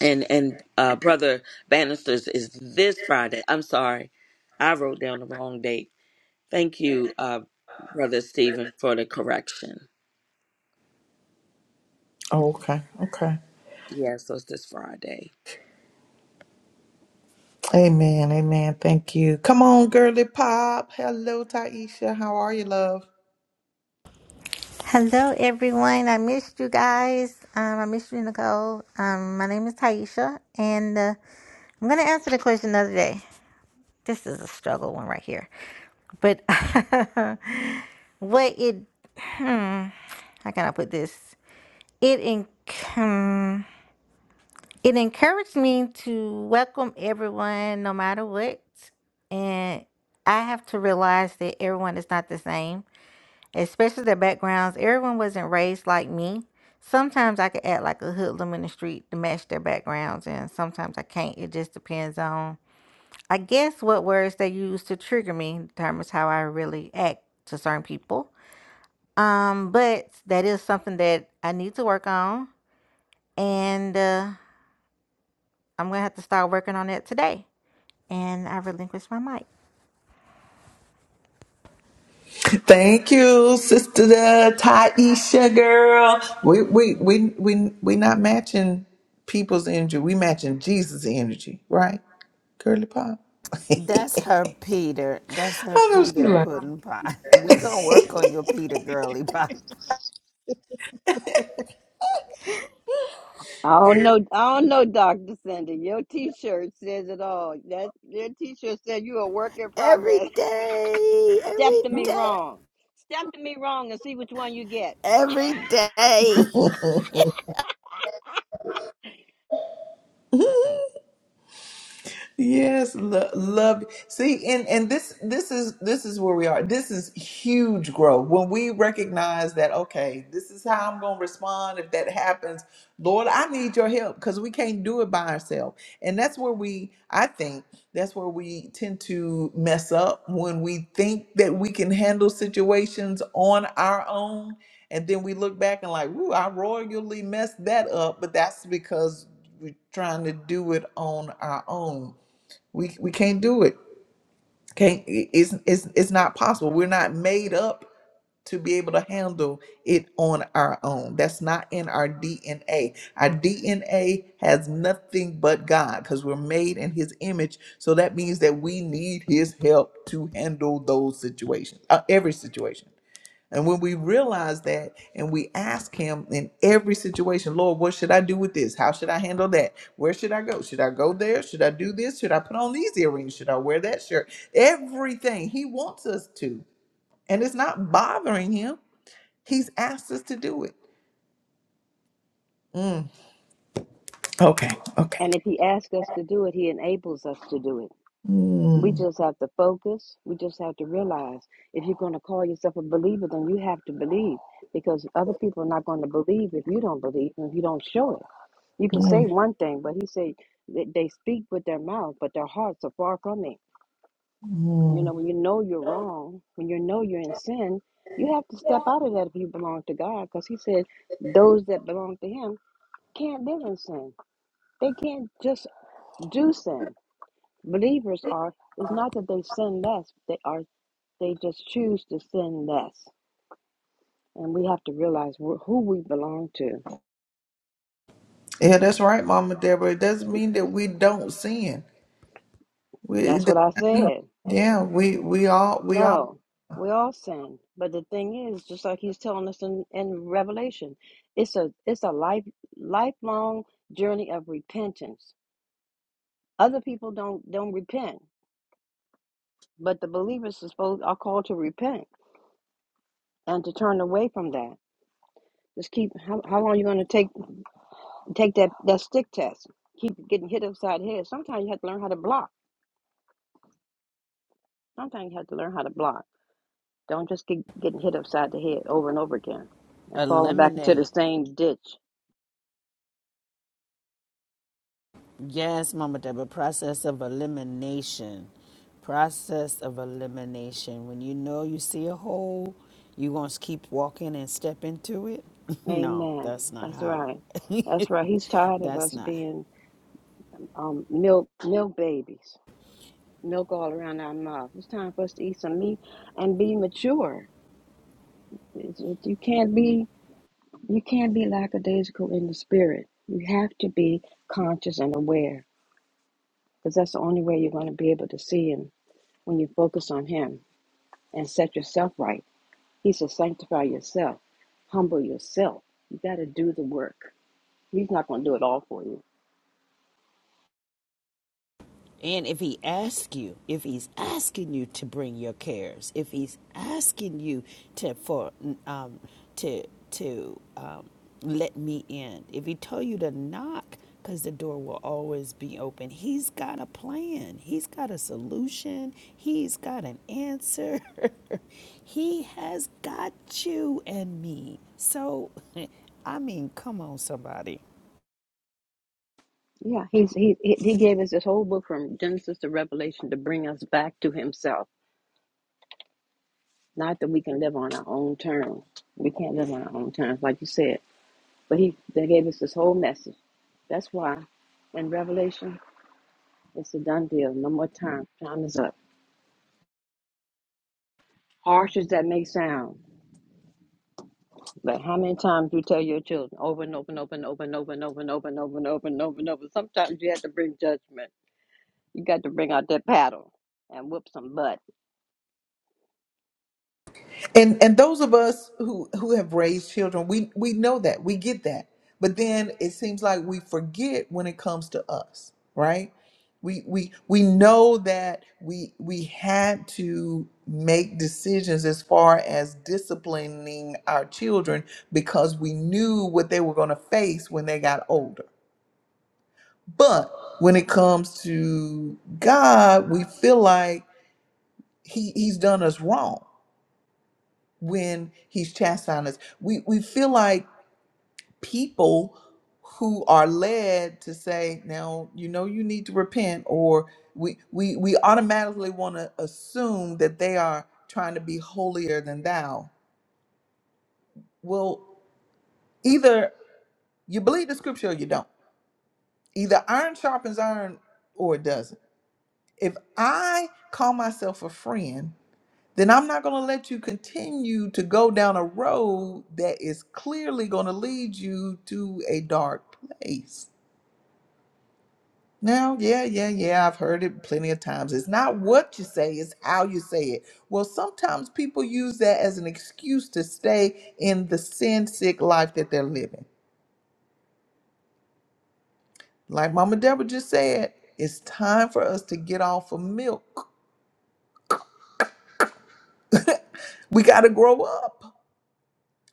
Speaker 5: And and uh brother Bannisters is this Friday. I'm sorry. I wrote down the wrong date. Thank you, uh, Brother Stephen, for the correction.
Speaker 1: Oh, okay. Okay.
Speaker 5: Yes, so it's this Friday.
Speaker 1: Amen. Amen. Thank you. Come on, girly pop. Hello, Taisha. How are you, love?
Speaker 6: Hello, everyone. I missed you guys. Um, I missed you, Nicole. Um, my name is Taisha, and uh, I'm going to answer the question another day. This is a struggle one right here. But what it, hmm, how can I put this? It, en- hmm, it encouraged me to welcome everyone no matter what. And I have to realize that everyone is not the same especially their backgrounds. Everyone wasn't raised like me. Sometimes I could act like a hoodlum in the street to match their backgrounds, and sometimes I can't. It just depends on, I guess, what words they use to trigger me determines how I really act to certain people. Um, but that is something that I need to work on, and uh, I'm gonna have to start working on that today. And I relinquish my mic.
Speaker 1: Thank you, sister Taisha girl. We we we we we not matching people's energy. We matching Jesus' energy, right? Girly pop.
Speaker 4: That's her Peter. That's her
Speaker 1: I know she's
Speaker 4: Peter
Speaker 1: right.
Speaker 4: pudding pie. We gonna work on your Peter girly Pie
Speaker 3: I don't know, I don't know, Dr. Cindy. Your t-shirt says it all. That your t-shirt said you're a work in
Speaker 4: every
Speaker 3: progress.
Speaker 4: day,
Speaker 3: Step
Speaker 4: every
Speaker 3: to me
Speaker 4: day,
Speaker 3: wrong. Step to me wrong and see which one you get.
Speaker 4: every day.
Speaker 1: Yes, lo- love. See, and and this this is this is where we are. This is huge growth. When we recognize that, okay, this is how I'm going to respond if that happens. Lord, I need your help because we can't do it by ourselves. And that's where we, I think, that's where we tend to mess up when we think that we can handle situations on our own, and then we look back and like, ooh, I royally messed that up. But that's because we're trying to do it on our own we we can't do it. Can't it's it's it's not possible. We're not made up to be able to handle it on our own. That's not in our DNA. Our DNA has nothing but God because we're made in his image. So that means that we need his help to handle those situations, uh, every situation. And when we realize that and we ask Him in every situation, Lord, what should I do with this? How should I handle that? Where should I go? Should I go there? Should I do this? Should I put on these earrings? Should I wear that shirt? Everything He wants us to. And it's not bothering Him, He's asked us to do it. Mm. Okay, okay.
Speaker 3: And if he asks us to do it, he enables us to do it. We
Speaker 1: Mm,
Speaker 3: just have to focus. We just have to realize if you're going to call yourself a believer, then you have to believe because other people are not going to believe if you don't believe and if you don't show it. You can say
Speaker 1: mm,
Speaker 3: one thing, but he said that they speak with their mouth, but their hearts are far from it. You
Speaker 1: mm.
Speaker 3: know, when you know you're wrong, when you know you're in sin, you have to step out of that if you belong to God because he said those that belong to him can't live in sin. They can't just do sin. Believers are, it's not that they sin less, they are they just choose to sin less. And we have to realize wh- who we belong to.
Speaker 1: Yeah, that's right, Mama Deborah. It doesn't mean that we don't sin. We, it
Speaker 3: That's
Speaker 1: does
Speaker 3: what I
Speaker 1: not mean-
Speaker 3: said.
Speaker 1: yeah, we we all we all.
Speaker 3: No, we all sin. But the thing is, just like he's telling us in, in Revelation, it's a it's a life lifelong journey of repentance. Other people don't don't repent, but the believers are supposed are called to repent and to turn away from that. Just keep how how long you gonna take take that that stick test? Keep getting hit upside the head. Sometimes you have to learn how to block. Sometimes you have to learn how to block. Don't just keep getting hit upside the head over and over again and falling back into the
Speaker 4: Eliminate.
Speaker 3: same ditch.
Speaker 4: Yes, Mama Deborah, process of elimination. Process of elimination. When you know you see a hole, you going to keep walking and step into it? no,
Speaker 3: Amen.
Speaker 4: that's not
Speaker 3: That's
Speaker 4: how.
Speaker 3: right. That's right. He's tired of
Speaker 4: that's
Speaker 3: us
Speaker 4: not.
Speaker 3: being um, milk milk babies, milk all around our mouth. It's time for us to eat some meat and be mature. It's, it, you can't be. You can't be lackadaisical in the spirit. You have to be conscious and aware because that's the only way you're going to be able to see Him when you focus on Him and set yourself right. He says, sanctify yourself, humble yourself. You got to do the work. He's not going to do it all for you.
Speaker 4: And if he asks you, if he's asking you to bring your cares, if he's asking you to for um, to to um, let me in, if he told you to knock, because the door will always be open. He's got a plan. He's got a solution. He's got an answer. he has got you and me. So, I mean, come on, somebody.
Speaker 3: Yeah, he's, he, he he gave us this whole book from Genesis to Revelation to bring us back to Himself. Not that we can live on our own terms. We can't live on our own terms, like you said. But he they gave us this whole message. That's why in Revelation, it's a done deal. No more time. Time is up. Harsh as that may sound, but how many times you tell your children over and over and over and over and over and over and over and over and over and over and over. Sometimes you have to bring judgment. You got to bring out that paddle and whoop some butt.
Speaker 1: and and those of us who who have raised children we we know that we get that but then it seems like we forget when it comes to us right we we we know that we we had to make decisions as far as disciplining our children because we knew what they were going to face when they got older but when it comes to god we feel like he he's done us wrong when he's chastising us. We we feel like people who are led to say, now you know you need to repent, or we we we automatically want to assume that they are trying to be holier than thou. Well, either you believe the scripture or you don't. Either iron sharpens iron or it doesn't. If I call myself a friend then I'm not going to let you continue to go down a road that is clearly going to lead you to a dark place. Now, yeah, yeah, yeah, I've heard it plenty of times. It's not what you say, it's how you say it. Well, sometimes people use that as an excuse to stay in the sin sick life that they're living. Like Mama Deborah just said, it's time for us to get off of milk. We got to grow up.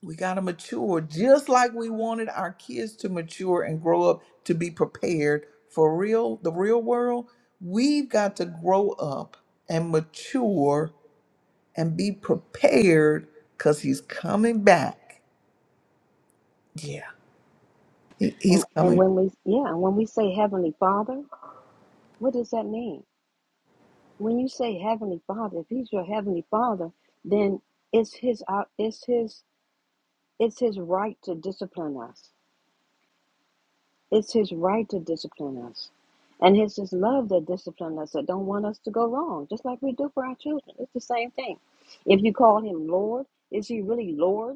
Speaker 1: We got to mature just like we wanted our kids to mature and grow up to be prepared for real, the real world. We've got to grow up and mature and be prepared because he's coming back. He- he's
Speaker 3: And and
Speaker 1: coming back.
Speaker 3: when we yeah, and when we say Heavenly Father, what does that mean? When you say Heavenly Father, if He's your Heavenly Father, then it's His uh, it's His It's his right to discipline us. It's his right to discipline us. And it's his love that disciplines us that don't want us to go wrong, just like we do for our children. It's the same thing. If you call him Lord, is he really Lord?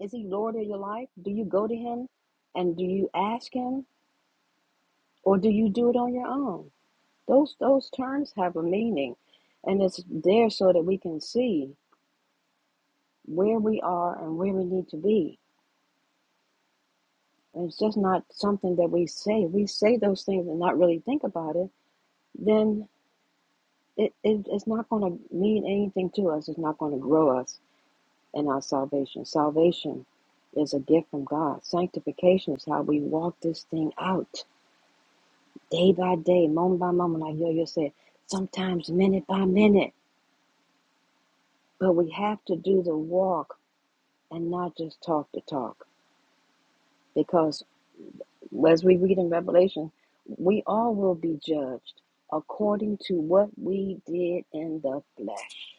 Speaker 3: Is he Lord of your life? Do you go to him and do you ask him? Or do you do it on your own? Those those terms have a meaning and it's there so that we can see where we are and where we need to be. it's just not something that we say. We say those things and not really think about it, then it, it it's not going to mean anything to us. It's not going to grow us in our salvation. Salvation is a gift from God. Sanctification is how we walk this thing out day by day, moment by moment, like Yo Yo said, sometimes minute by minute. But we have to do the walk and not just talk the talk because. as we read in Revelation, we all will be judged according to what we did in the flesh.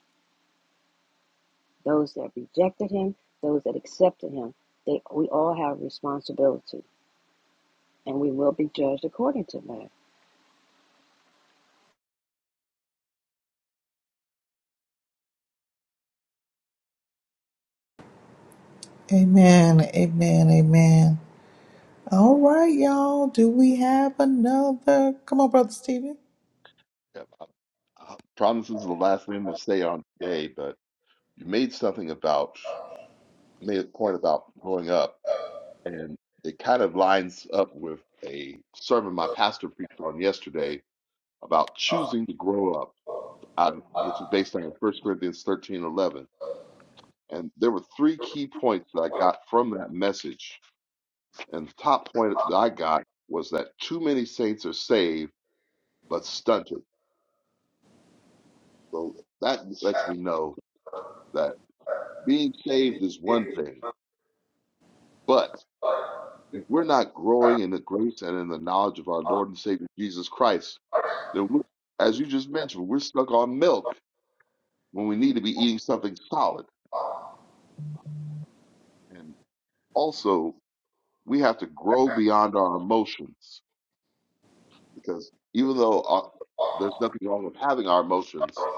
Speaker 3: Those that rejected him, those that accepted him, they we all have responsibility and we will be judged according to that.
Speaker 1: Amen. Amen. Amen. All right, y'all. Do we have another? Come on, Brother Stephen.
Speaker 2: Yeah, I promise is the last name will stay on today, but you made something about, made a point about growing up, and it kind of lines up with a sermon my pastor preached on yesterday about choosing to grow up, out of, which is based on First Corinthians 13 11. And there were three key points that I got from that message. And the top point that I got was that too many saints are saved but stunted. So that lets me know that being saved is one thing But if we're not growing in the grace and in the knowledge of our Lord and Savior Jesus Christ, then we, as you just mentioned, we're stuck on milk when we need to be eating something solid. And also, we have to grow beyond our emotions because even though uh there's nothing wrong with having our emotions,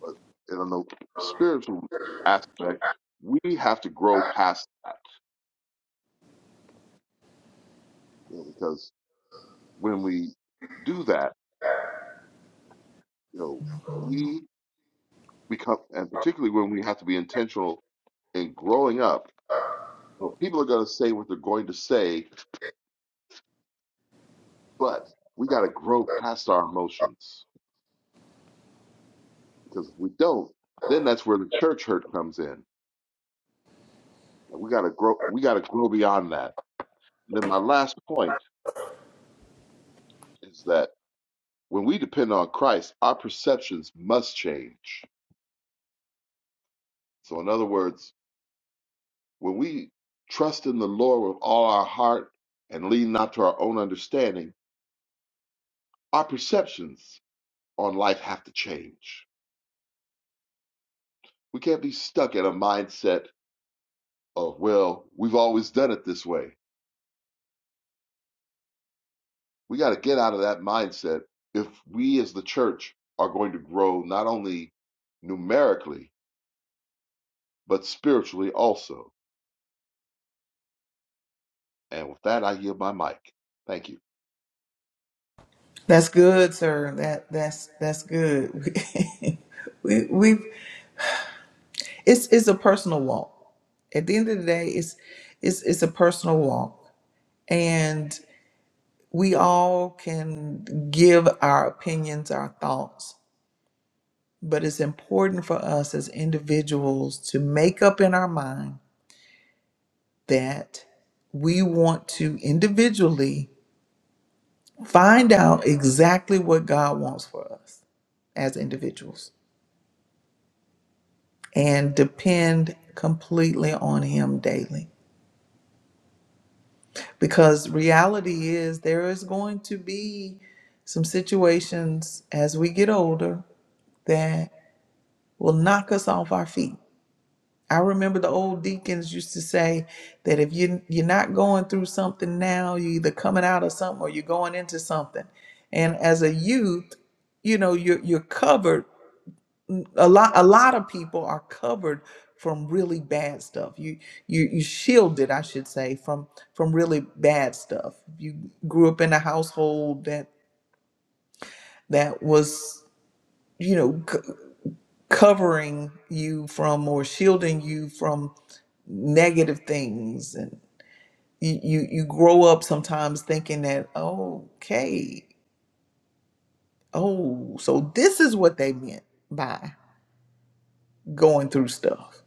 Speaker 2: but in the spiritual aspect, we have to grow past that you know, because when we do that, you know, we we come, and particularly when we have to be intentional in growing up. Well, People are going to say what they're going to say, but we got to grow past our emotions because if we don't, then that's where the church hurt comes in, and we got to grow. We got to grow beyond that. And then my last point is that when we depend on Christ, our perceptions must change. So, in other words, when we trust in the Lord with all our heart and lean not to our own understanding, our perceptions on life have to change. We can't be stuck in a mindset of, well, we've always done it this way. We got to get out of that mindset if we as the church are going to grow not only numerically, but spiritually also. And with that, I yield my mic. Thank you.
Speaker 1: That's good, sir. That that's that's good. we we It's it's a personal walk. At the end of the day, it's it's it's a personal walk. And we all can give our opinions, our thoughts, but it's important for us as individuals to make up in our mind that we want to individually find out exactly what God wants for us as individuals and depend completely on Him daily because reality is there is going to be some situations as we get older that will knock us off our feet. I remember the old deacons used to say that if you you're not going through something now, you're either coming out of something or you're going into something. And as a youth, you know, you're you're covered a lot a lot of people are covered from really bad stuff you you you shielded i should say from from really bad stuff you grew up in a household that that was you know c- covering you from or shielding you from negative things and you, you you grow up sometimes thinking that okay oh so this is what they meant by going through stuff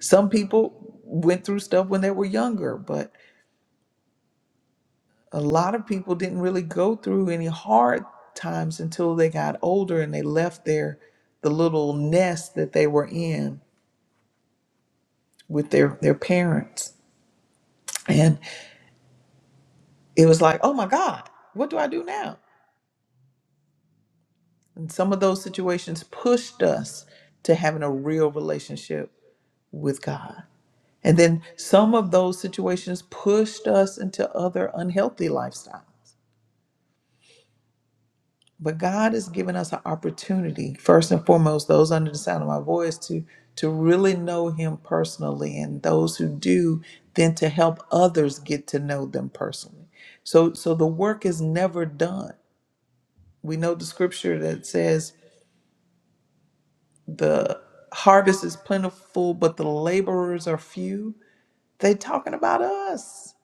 Speaker 1: Some people went through stuff when they were younger, but a lot of people didn't really go through any hard times until they got older and they left their the little nest that they were in with their their parents. And it was like, "Oh my god, what do I do now?" And some of those situations pushed us to having a real relationship with God. And then some of those situations pushed us into other unhealthy lifestyles. but God has given us an opportunity, first and foremost, those under the sound of my voice, to to really know Him personally, and those who do, then to help others get to know them personally. So, so the work is never done. We know the scripture that says the harvest is plentiful, but the laborers are few. They talking about us.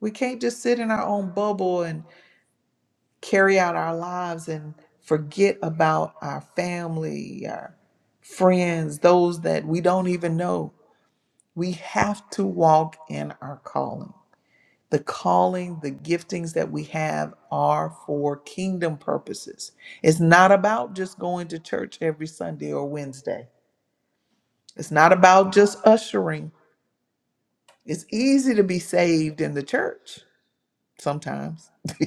Speaker 1: We can't just sit in our own bubble and. carry out our lives and forget about our family, our friends, those that we don't even know. We have to walk in our calling. The calling, the giftings that we have are for kingdom purposes. It's not about just going to church every Sunday or Wednesday. It's not about just ushering. It's easy to be saved in the church sometimes.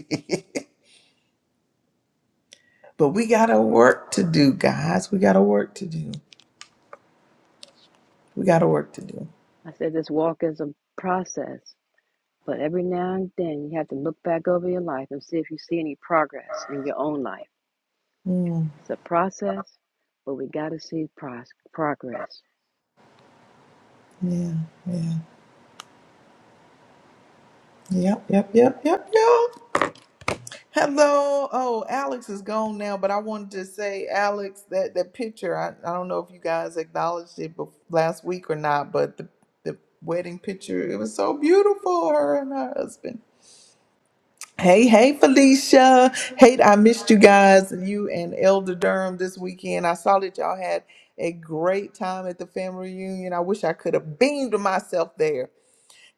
Speaker 1: but we got a work to do, guys. We got a work to do. We got work to do.
Speaker 3: I said this walk is a process, but every now and then you have to look back over your life and see if you see any progress in your own life.
Speaker 1: Mm,
Speaker 3: It's a process, but we got to see pro progress.
Speaker 1: yeah, yeah. Yep, yep, yep, yep, yep. Hello. Oh, Alex is gone now, but I wanted to say, Alex, that, that picture, I, I don't know if you guys acknowledged it bef- last week or not, but the, the wedding picture, it was so beautiful, her and her husband. Hey, hey, Felicia. Hey, I missed you guys, you and Elder Durham this weekend. I saw that y'all had a great time at the family reunion. I wish I could have beamed myself there.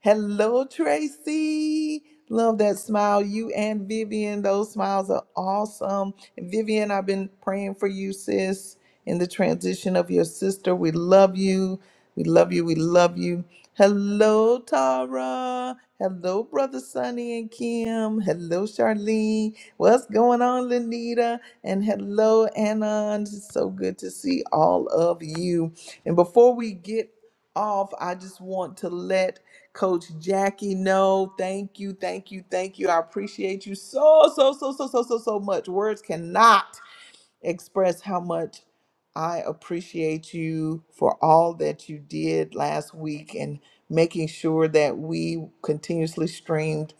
Speaker 1: Hello, Tracy. Love that smile. You and Vivian, those smiles are awesome. And Vivian, I've been praying for you, sis, in the transition of your sister. We love you. We love you. We love you. Hello, Tara. Hello, Brother Sonny and Kim. Hello, Charlene. What's going on, Lenita? And hello, Anon. It's so good to see all of you. And before we get off, I just want to let Coach Jackie, no, thank you, thank you, thank you. I appreciate you so, so, so, so, so, so, so much. Words cannot express how much I appreciate you for all that you did last week and making sure that we continuously streamed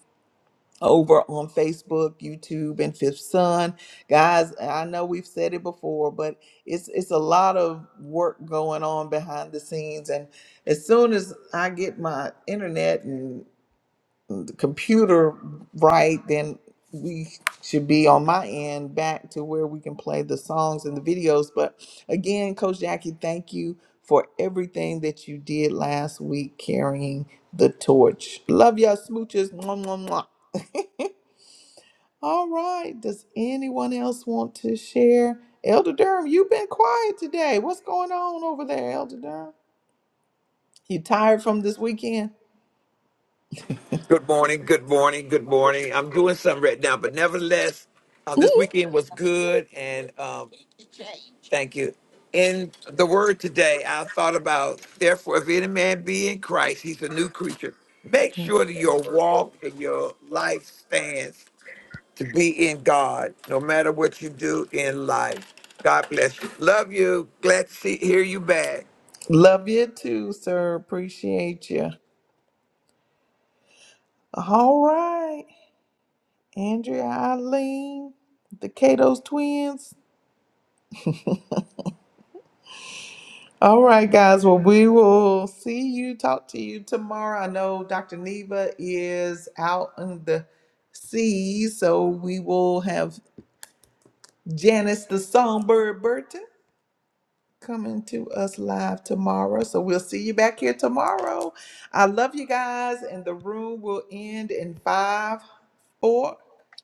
Speaker 1: over on Facebook, YouTube, and Fifth Sun. Guys, I know we've said it before, but it's it's a lot of work going on behind the scenes and as soon as I get my internet and computer right, then we should be on my end back to where we can play the songs and the videos. But again, Coach Jackie, thank you for everything that you did last week carrying the torch. Love y'all smooches. Mwah, mwah, mwah. All right. Does anyone else want to share? Elder Durham, you've been quiet today. What's going on over there, Elder Durham? You tired from this weekend?
Speaker 7: Good morning, good morning, good morning. I'm doing something right now, but nevertheless, uh, this weekend was good, and um, thank you. In the word today, I thought about, therefore, if any man be in Christ, he's a new creature. Make sure that your walk and your life stands to be in God, no matter what you do in life. God bless you. Love you. Glad to see, hear you back.
Speaker 1: Love you too, sir. Appreciate you. All right. Andrea Eileen, the Kato's twins. All right, guys. Well, we will see you, talk to you tomorrow. I know Dr. Neva is out on the seas, so we will have Janice the Songbird Burton coming to us live tomorrow. So we'll see you back here tomorrow. I love you guys, and the room will end in five, four,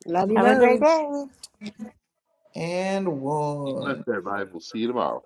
Speaker 3: Love you
Speaker 6: Have a
Speaker 1: three,
Speaker 6: great
Speaker 3: loads.
Speaker 6: day.
Speaker 1: and one.
Speaker 2: Amen, everybody. We'll see you tomorrow.